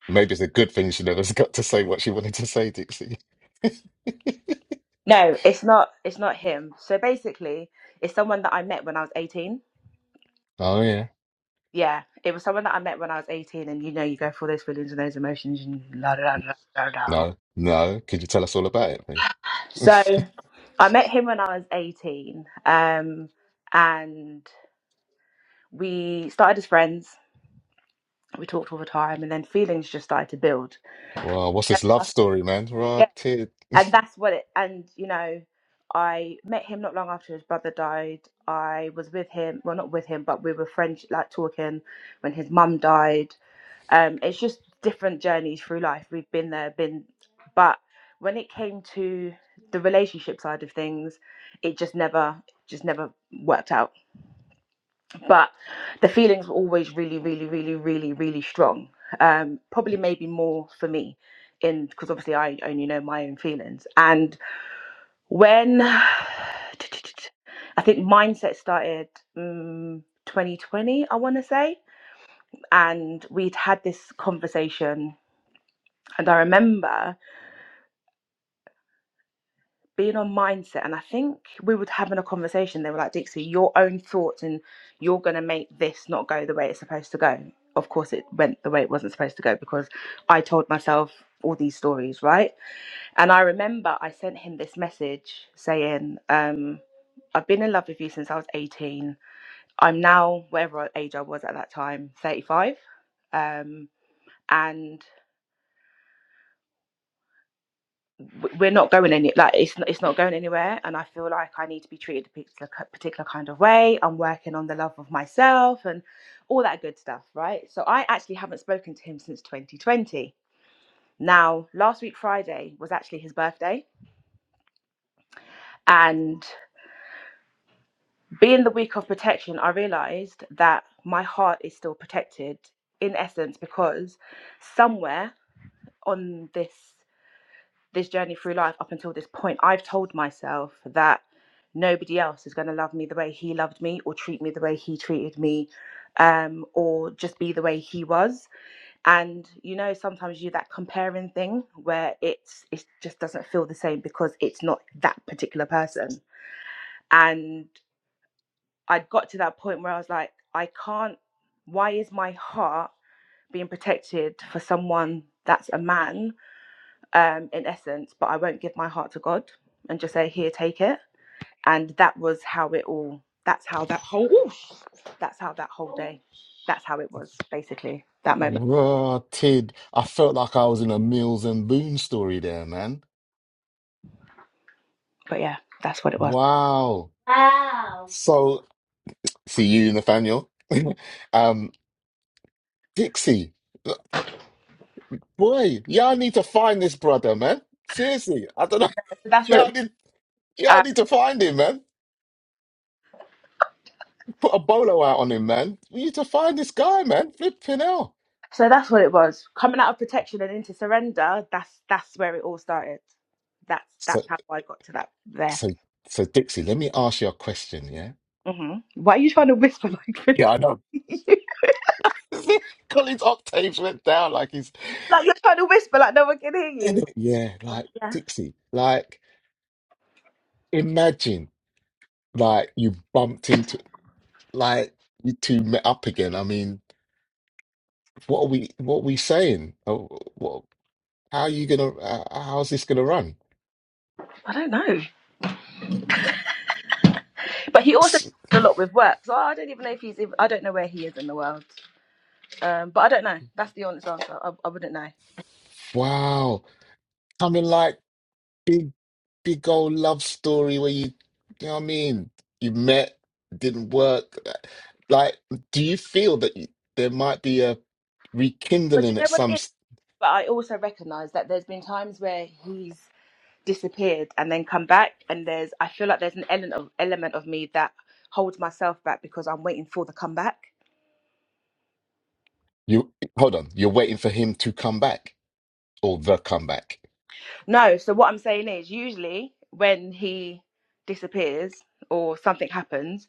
S2: Maybe it's a good thing she never [laughs] got to say what she wanted to say, Dixie. [laughs]
S1: No, it's not. It's not him. So basically, it's someone that I met when I was eighteen.
S2: Oh yeah.
S1: Yeah, it was someone that I met when I was eighteen, and you know, you go through all those feelings and those emotions, and la da da da da da.
S2: No, no. Could you tell us all about it, please? [laughs]
S1: So I met him when I was 18, um, and we started as friends. We talked all the time, and then feelings just started to build.
S2: Wow, what's
S1: Uh,
S2: this love story, man?
S1: yeah,
S2: Rotted.
S1: and that's what it. And you know, I met him not long after his brother died. I was with him, well, not with him, but we were friends, like talking when his mum died. Um, it's just different journeys through life. We've been there, been, but when it came to the relationship side of things, it just never, just never worked out but the feelings were always really really really really really strong um probably maybe more for me in because obviously i only know my own feelings and when [sighs] i think mindset started um, 2020 i want to say and we'd had this conversation and i remember being on mindset and i think we were having a conversation they were like dixie your own thoughts and you're going to make this not go the way it's supposed to go of course it went the way it wasn't supposed to go because i told myself all these stories right and i remember i sent him this message saying um i've been in love with you since i was 18 i'm now whatever age i was at that time 35 um and we're not going any like it's not, it's not going anywhere and i feel like i need to be treated a particular kind of way i'm working on the love of myself and all that good stuff right so i actually haven't spoken to him since 2020 now last week friday was actually his birthday and being the week of protection i realized that my heart is still protected in essence because somewhere on this this journey through life up until this point, I've told myself that nobody else is going to love me the way he loved me, or treat me the way he treated me, um, or just be the way he was. And you know, sometimes you do that comparing thing where it's it just doesn't feel the same because it's not that particular person. And I got to that point where I was like, I can't. Why is my heart being protected for someone that's a man um, in essence, but I won't give my heart to God and just say, "Here, take it." And that was how it all. That's how that whole. oosh, that's how that whole day. That's how it was basically that moment.
S2: Rotted. I felt like I was in a Mills and Boone story there, man.
S1: But yeah, that's what it was.
S2: Wow.
S1: Wow.
S2: So, see you, Nathaniel. [laughs] Um, Dixie. Boy, y'all need to find this brother, man. Seriously. I don't know.
S1: So that's
S2: [laughs]
S1: what it.
S2: Y'all
S1: Was.
S2: need, y'all
S1: Uh,
S2: need to find him, man. Put a bolo out on him, man. We need to find this guy, man. Flipping hell.
S1: so that's what it was. Coming out of protection and into surrender. That's that's where it all started. That's
S2: So,
S1: that's how I got to that there.
S2: so, so, Dixie, let me ask you a question, yeah?
S1: hmm Why are you trying to whisper like [laughs] like
S2: Yeah, I know. [laughs] Colin's octaves went down like he's
S1: you're trying to whisper like no one can hear
S2: in
S1: you? But
S2: it. yeah, like
S1: Yeah,
S2: Dixie. Like imagine like you bumped into like you two met up again. I mean, what are we what are we saying? Oh, what, how are you gonna uh, how's this gonna run?
S1: I don't know. But he also
S2: S-
S1: travels a lot with work, so I don't even know if he's. Even, I don't know where he is in the world. Um, but I don't know. That's the honest answer. I, I wouldn't know.
S2: Wow. Coming like big big old love story where you you know what I mean? You met, didn't work. uh, Like, do you feel that you, there might be a
S1: But do
S2: rekindling
S1: you
S2: at
S1: know what it
S2: some
S1: is? But I also recognise that there's been times where he's disappeared and then come back, and there's. I feel like there's an element of element of me that holds myself back because I'm waiting for the comeback.
S2: You hold on. You're waiting for him to come back or the comeback.
S1: No, so what I'm saying is usually when he disappears or something happens,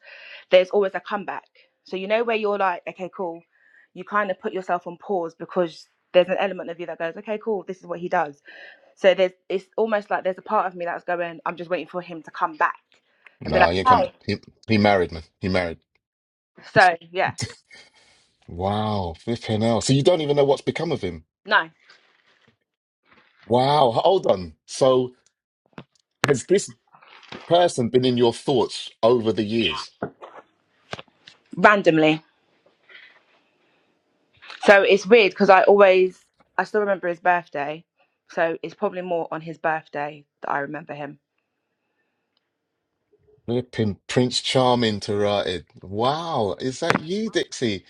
S1: there's always a comeback. So you know where you're like, okay, cool. You kind of put yourself on pause because there's an element of you that goes, okay, cool, this is what he does. So there's it's almost like there's a part of me that's going, I'm just waiting for him to come back and be
S2: No,
S1: like,
S2: he ain't come.
S1: hey.
S2: He he married, man. He married.
S1: So yeah,
S2: Wow, flipping hell. So you don't even know what's become of him.
S1: no,
S2: Wow, hold on. So has this person been in your thoughts over the years?
S1: randomly. So it's weird because I always I still remember his birthday. So it's probably more on his birthday that I remember him.
S2: Flipping Prince Charming to write Wow, is that you, Dixie?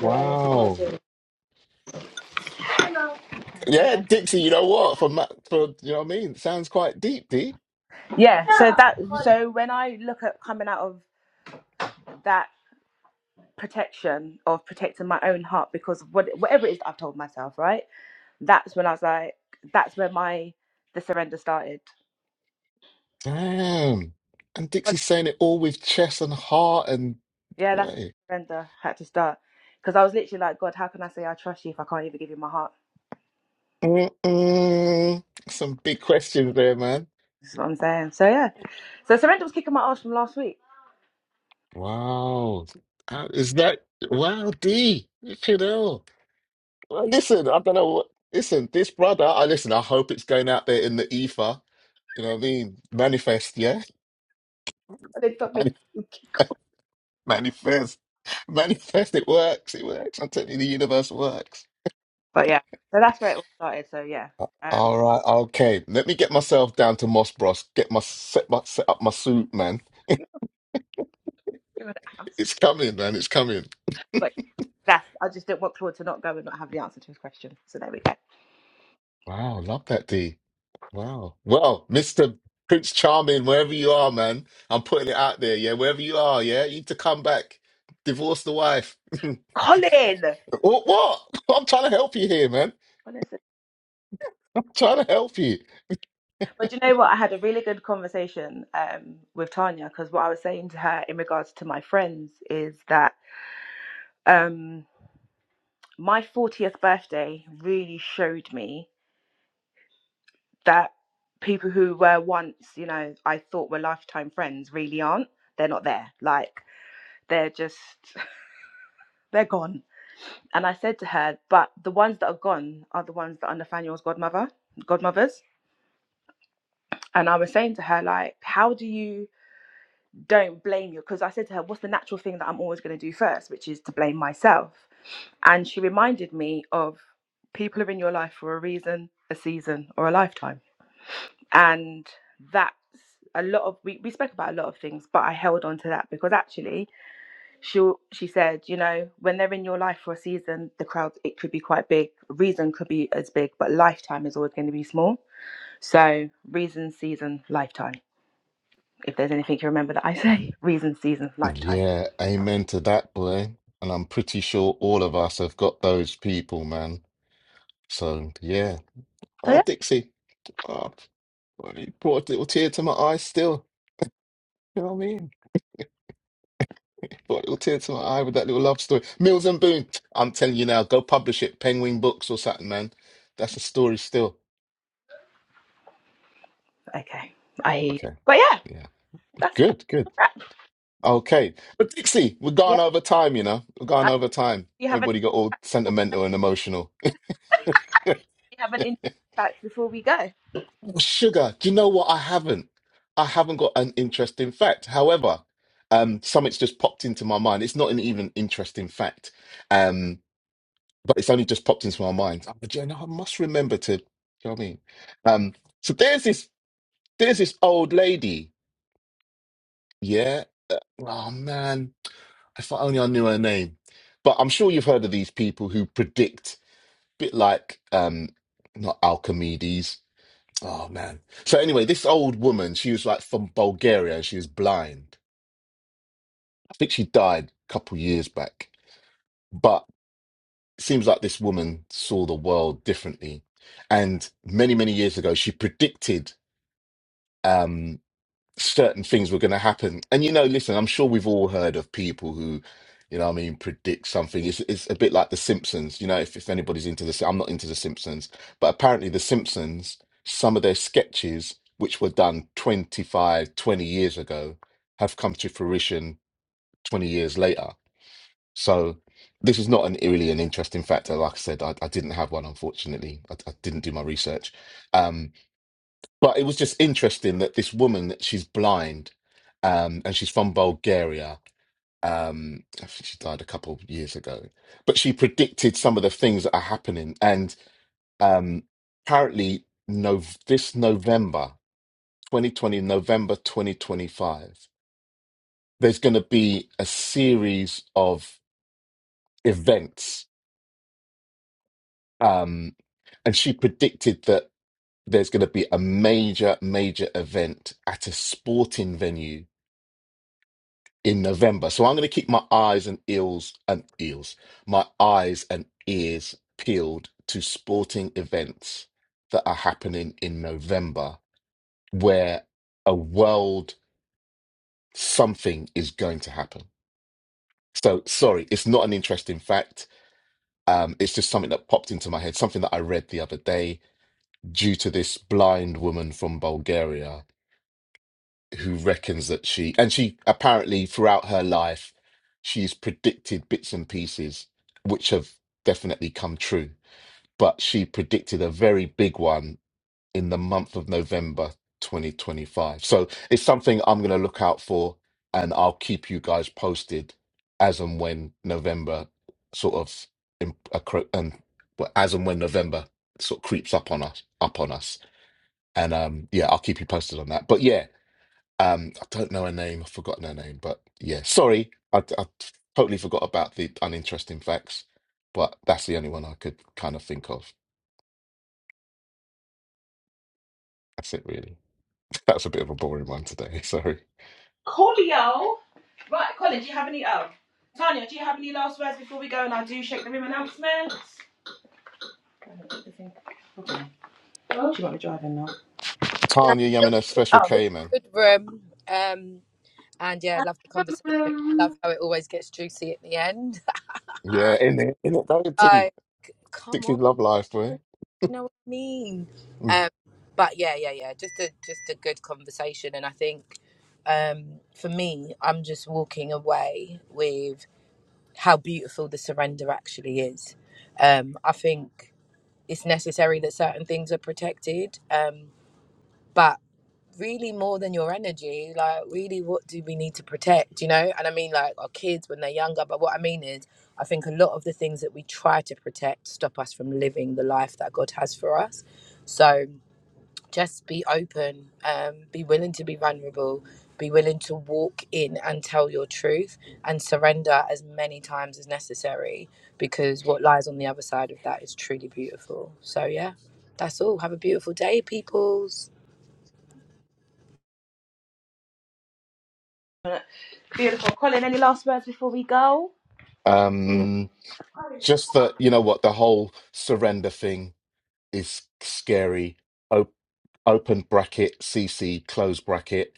S2: Wow.
S1: There you
S2: Yeah,
S1: go.
S2: Dixie. You know what? For ma- for you know what I mean. Sounds quite deep, D.
S1: yeah so that so when i look at coming out of that protection of protecting my own heart because what, whatever it is that i've told myself right that's when i was like that's where my the surrender started
S2: Damn. And
S1: But,
S2: Dixie's saying it all with chest and heart and
S1: yeah that's
S2: boy.
S1: when surrender had to start because i was literally like god how can i say i trust you if i can't even give you my heart
S2: Mm-mm. Some big questions there, man.
S1: that's what i'm saying so yeah so surrender was kicking my ass from last week
S2: Wow. How is that? Wow, D. Look at all. Well, listen, I don't know what. Listen, this brother, I listen, I hope it's going out there in the ether. You know what I mean? Manifest, yeah?
S1: [laughs] God, got
S2: [laughs]
S1: me-
S2: Manifest. Manifest. Manifest. It works. It works. I'm telling you, the universe works.
S1: but yeah so that's where it all started so yeah
S2: All right, okay. Let me get myself down to Moss Bros. Get my set, my set up my suit, man.
S1: um
S2: It's coming, man. It's coming.
S1: But that's I just didn't want Claude to not go and not have the answer to his question. So there we go.
S2: Wow, love that D. Wow. Well, Mister Prince Charming, wherever you are, man, I'm putting it out there. Yeah, wherever you are, yeah, you need to come back. Divorce the wife. [laughs]
S1: Colin.
S2: what? What? I'm trying to help you here, man.
S1: Honestly.
S2: I'm trying to help you.
S1: But you know what? I had a really good conversation um, with Tanya because what I was saying to her in regards to my friends is that um, my 40th birthday really showed me that people who were once, you know, I thought were lifetime friends really aren't. They're not there. Like, they're just, [laughs] they're gone And I said to her, but the ones that are gone are the ones that are Nathaniel's godmother, godmothers. And I was saying to her, like, how do you don't blame you? Because I said to her, what's the natural thing that I'm always going to do first, which is to blame myself. And she reminded me of people are in your life for a reason, a season, or a lifetime. And that's a lot of, we, we spoke about a lot of things, but I held on to that because actually she she said, you know, when they're in your life for a season, the crowd it could be quite big. Reason could be as big, but lifetime is always going to be small. So reason, season, lifetime. If there's anything you remember that I [laughs] say, reason, season, lifetime.
S2: Yeah, amen to that, boy. And I'm pretty sure all of us have got those people, man. So yeah.
S1: So
S2: Oh,
S1: yeah,
S2: Dixie. Oh, Well, He brought a little tear to my eye still. You know what I mean? Brought a little tear to my eye with that little love story. Mills and Boone. I'm telling you now, go publish it. Penguin Books or something, man. That's a story still.
S1: okay, I hear you.
S2: Okay.
S1: But yeah,
S2: Yeah.
S1: that's, that's
S2: Good, good.
S1: a wrap.
S2: Okay. But Dixie, we're
S1: Yeah,
S2: gone over time, you know. We're gone
S1: Uh,
S2: over time.
S1: do you have any,
S2: Everybody got all sentimental and emotional.
S1: do you have an interesting fact before we go?
S2: [laughs] Sugar, do you know what? I haven't. I haven't got an interesting fact. However, um, something's just popped into my mind. It's not an even interesting fact. um. but it's only just popped into my mind. I'm like, you know, I must remember to. You know what I mean? Um, so there's this there's this old lady. Yeah. Uh, Oh man, if I only I knew her name. But I'm sure you've heard of these people who predict, bit like um, not Alchimedes. Oh man. So anyway, this old woman, she was like from Bulgaria and she was blind. I think she died a couple years back. But. it seems like this woman saw the world differently. And many, many years ago, she predicted um, certain things were going to happen. And, you know, listen, I'm sure we've all heard of people who, you know, what I mean, predict something. It's, it's a bit like The Simpsons, you know, if, if anybody's into this, I'm not into The Simpsons, but apparently The Simpsons, some of their sketches, which were done 25, 20 years ago, have come to fruition 20 years later so this is not an really an interesting factor. Like I said, I, I didn't have one, unfortunately. I, I didn't do my research. Um, but it was just interesting that this woman, she's blind, um, and she's from Bulgaria. Um, I think she died a couple of years ago, but she predicted some of the things that are happening. And um, apparently, no, this November, 2020, November 2025, there's going to be a series of events Um, and she predicted that there's going to be a major, major event at a sporting venue in November. So I'm going to keep my eyes and ears and ears, my eyes and ears peeled to sporting events that are happening in November, where a world something is going to happen. So sorry, it's not an interesting fact. Um, it's just something that popped into my head, something that I read the other day due to this blind woman from Bulgaria who reckons that she, and she apparently throughout her life, she's predicted bits and pieces which have definitely come true. But she predicted a very big one in the month of November 2025. So it's something I'm going to look out for and I'll keep you guys posted as and when November sort of, im- accro- um, well, as and when November sort of creeps up on us, up on us. And um, yeah, I'll keep you posted on that. But yeah, um, I don't know her name. I've forgotten her name. But yeah, sorry, I, I totally forgot about the uninteresting facts. But that's the only one I could kind of think of. That's it, really. [laughs] That's a bit of a boring one today. [laughs] Sorry,
S1: Coolio, right, Colin, do you have any? Oh, Tanya, do you have any last words before we go? And I do shake the room announcements. Okay. Do you want me driving now?
S2: Tanya Yamino,
S3: Really
S2: Special
S1: Oh,
S2: K, man.
S3: Good room. Um, and yeah, love the conversation. Love how it always gets juicy at the end. [laughs]
S2: Yeah, in it, in it, don't tea.
S3: Like, come
S2: Sixties
S3: on.
S2: love life,
S3: You
S2: boy.
S3: know what I mean?
S2: Mm.
S3: Um, but yeah, yeah, yeah. Just a just a good conversation, and I think um, for me, I'm just walking away with how beautiful the surrender actually is. Um, I think it's necessary that certain things are protected, um, but really more than your energy like really what do we need to protect you know and i mean like our kids when they're younger but what i mean is i think a lot of the things that we try to protect stop us from living the life that god has for us so just be open um, be willing to be vulnerable be willing to walk in and tell your truth and surrender as many times as necessary because what lies on the other side of that is truly beautiful so yeah that's all have a beautiful day peoples
S1: beautiful. Colin, any last words before we go?
S2: Um, just that you know what the whole surrender thing is scary. Op- open bracket, CC, close bracket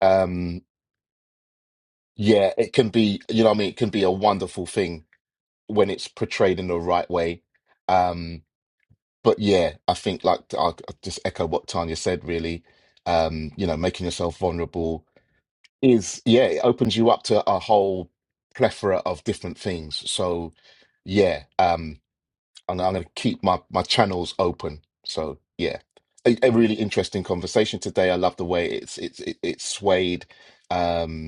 S2: um yeah it can be you know what i mean it can be a wonderful thing when it's portrayed in the right way um but yeah i think like i I'll just echo what tanya said really um you know making yourself vulnerable is yeah it opens you up to a whole plethora of different things so yeah um i'm, I'm going to keep my my channels open so yeah a, a really interesting conversation today i love the way it's it's it, it's swayed um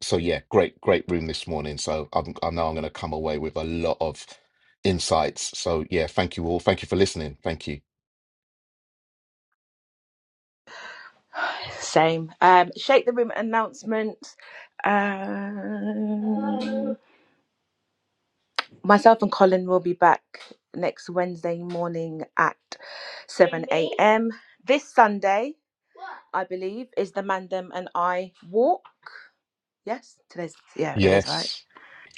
S2: so yeah, great, great room this morning. So I'm, I know I'm going to come away with a lot of insights. So yeah, thank you all. Thank you for listening. Thank you.
S1: Same. Um, Shake the Room announcement. Um, myself and Colin will be back next Wednesday morning at 7 a.m. This Sunday, I believe, is the Mandem and I walk. Yes, today's, yeah, it is, right?
S2: Yes.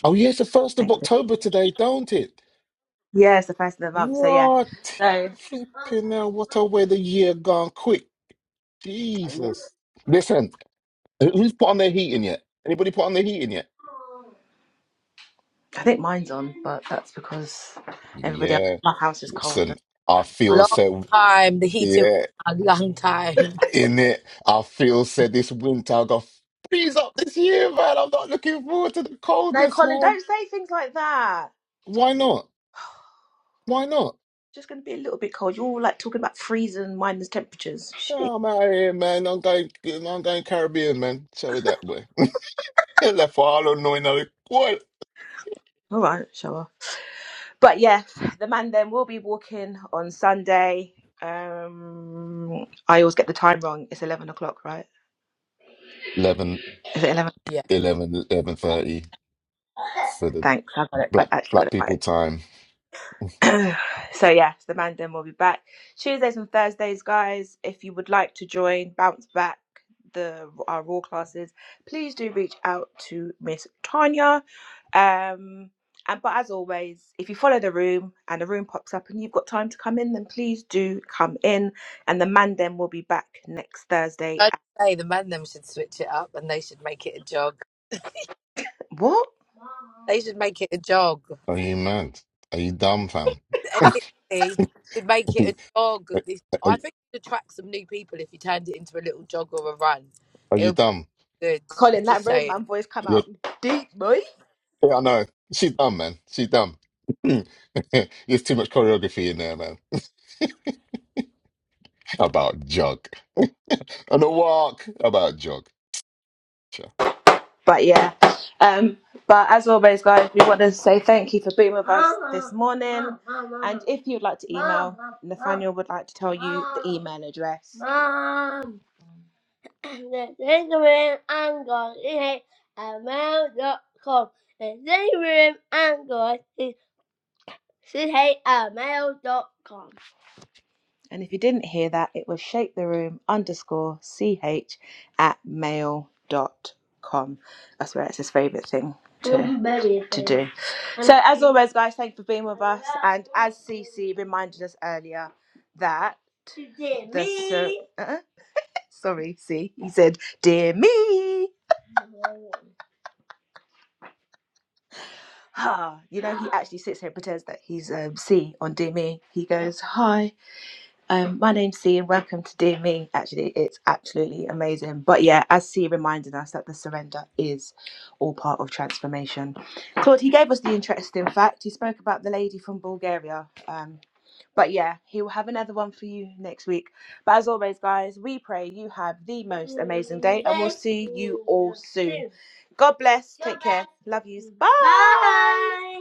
S2: Oh yeah, it's the first of
S1: Thank you.
S2: October today, don't it?
S1: Yeah, it's the first of the month. So, yeah.
S2: Right.
S1: So,
S2: Flipping now, what a way the year gone quick. Jesus. Listen, who- who's put on their heating yet? Anybody put on their heating yet?
S1: I think mine's on, but that's because everybody else
S2: Yeah.
S1: in my house is cold.
S2: Listen, I feel
S3: Long
S2: so.
S3: time, the heating
S2: Yeah.
S3: a long time.
S2: in it. I feel said this winter I got freeze up this year, man. I'm not looking forward to the
S1: No,
S2: coldness,
S1: Colin,
S2: man.
S1: don't say things like that.
S2: Why not?
S1: [sighs]
S2: Why not?
S1: Just going to be a little bit cold. You're all like talking about freezing and minus temperatures. Shit.
S2: Oh, I'm out here, man. I'm going. I'm going Caribbean, man. Show it that way. [laughs] I Left for I don't know another what.
S1: All right, shower. But yeah, the man then will be walking on Sunday. Um, I always get the time wrong. It's eleven o'clock, right?
S2: eleven,
S1: Is it eleven?
S3: Yeah.
S2: eleven, eleven thirty for the
S1: Thanks, I got it. I
S2: black
S1: actually got
S2: black
S1: it right.
S2: people time. [laughs]
S1: [clears throat] so yeah, the Mandem will be back Tuesdays and Thursdays, guys. If you would like to join Bounce Back, the our raw classes, please do reach out to Miss Tanya. Um, and but as always, if you follow the room and the room pops up and you've got time to come in, then please do come in. And the Mandem will be back next Thursday.
S3: I'd
S1: At,
S3: say the man them should switch it up and they should make it a jog.
S1: what?
S3: They should make it a jog.
S2: Are you mad? Are you dumb, fam?
S3: They should make it a
S2: [laughs] are,
S3: jog. This
S2: are,
S3: I think it would attract some new people if you turned it into a little jog or a run.
S2: are
S3: It
S2: you
S3: would
S2: dumb?
S3: be good. I'm
S1: Colin, that
S3: just saying.
S1: roadman voice come out deep, boy.
S2: Yeah, I know. She's dumb, man. She's dumb. [clears throat] [laughs] There's too much choreography in there, man. [laughs] About jog. [laughs] On a walk. About jog. Sure.
S1: but yeah. Um, but as always, guys, we want to say thank you for being with us this morning. And if you'd like to email, Nathaniel would like to tell you the email address. Mom, the Lingering Angle is at mail.com. The Lingering Angle is c-h-a-m-a-i-l dot com. And if you didn't hear that, it was shape the room underscore ch at mail dot com. That's where it's his favourite thing to, to do. So as always guys, thank you for being with us. And as CC reminded us earlier that the so- uh-uh. sorry, see, he said, dear me. [laughs] [sighs] Ah, you know, he actually sits here and pretends that he's um, C on Dear Me. He goes, hi. Um, my name's C, and welcome to Dear Me. Actually, it's absolutely amazing. But yeah, as C reminded us that the surrender is all part of transformation. Claude, he gave us the interesting fact. He spoke about the lady from Bulgaria. Um, but yeah, he will have another one for you next week. But as always, guys, we pray you have the most amazing day, and we'll see you all soon. God bless. Take care. Love yous. Bye. Bye.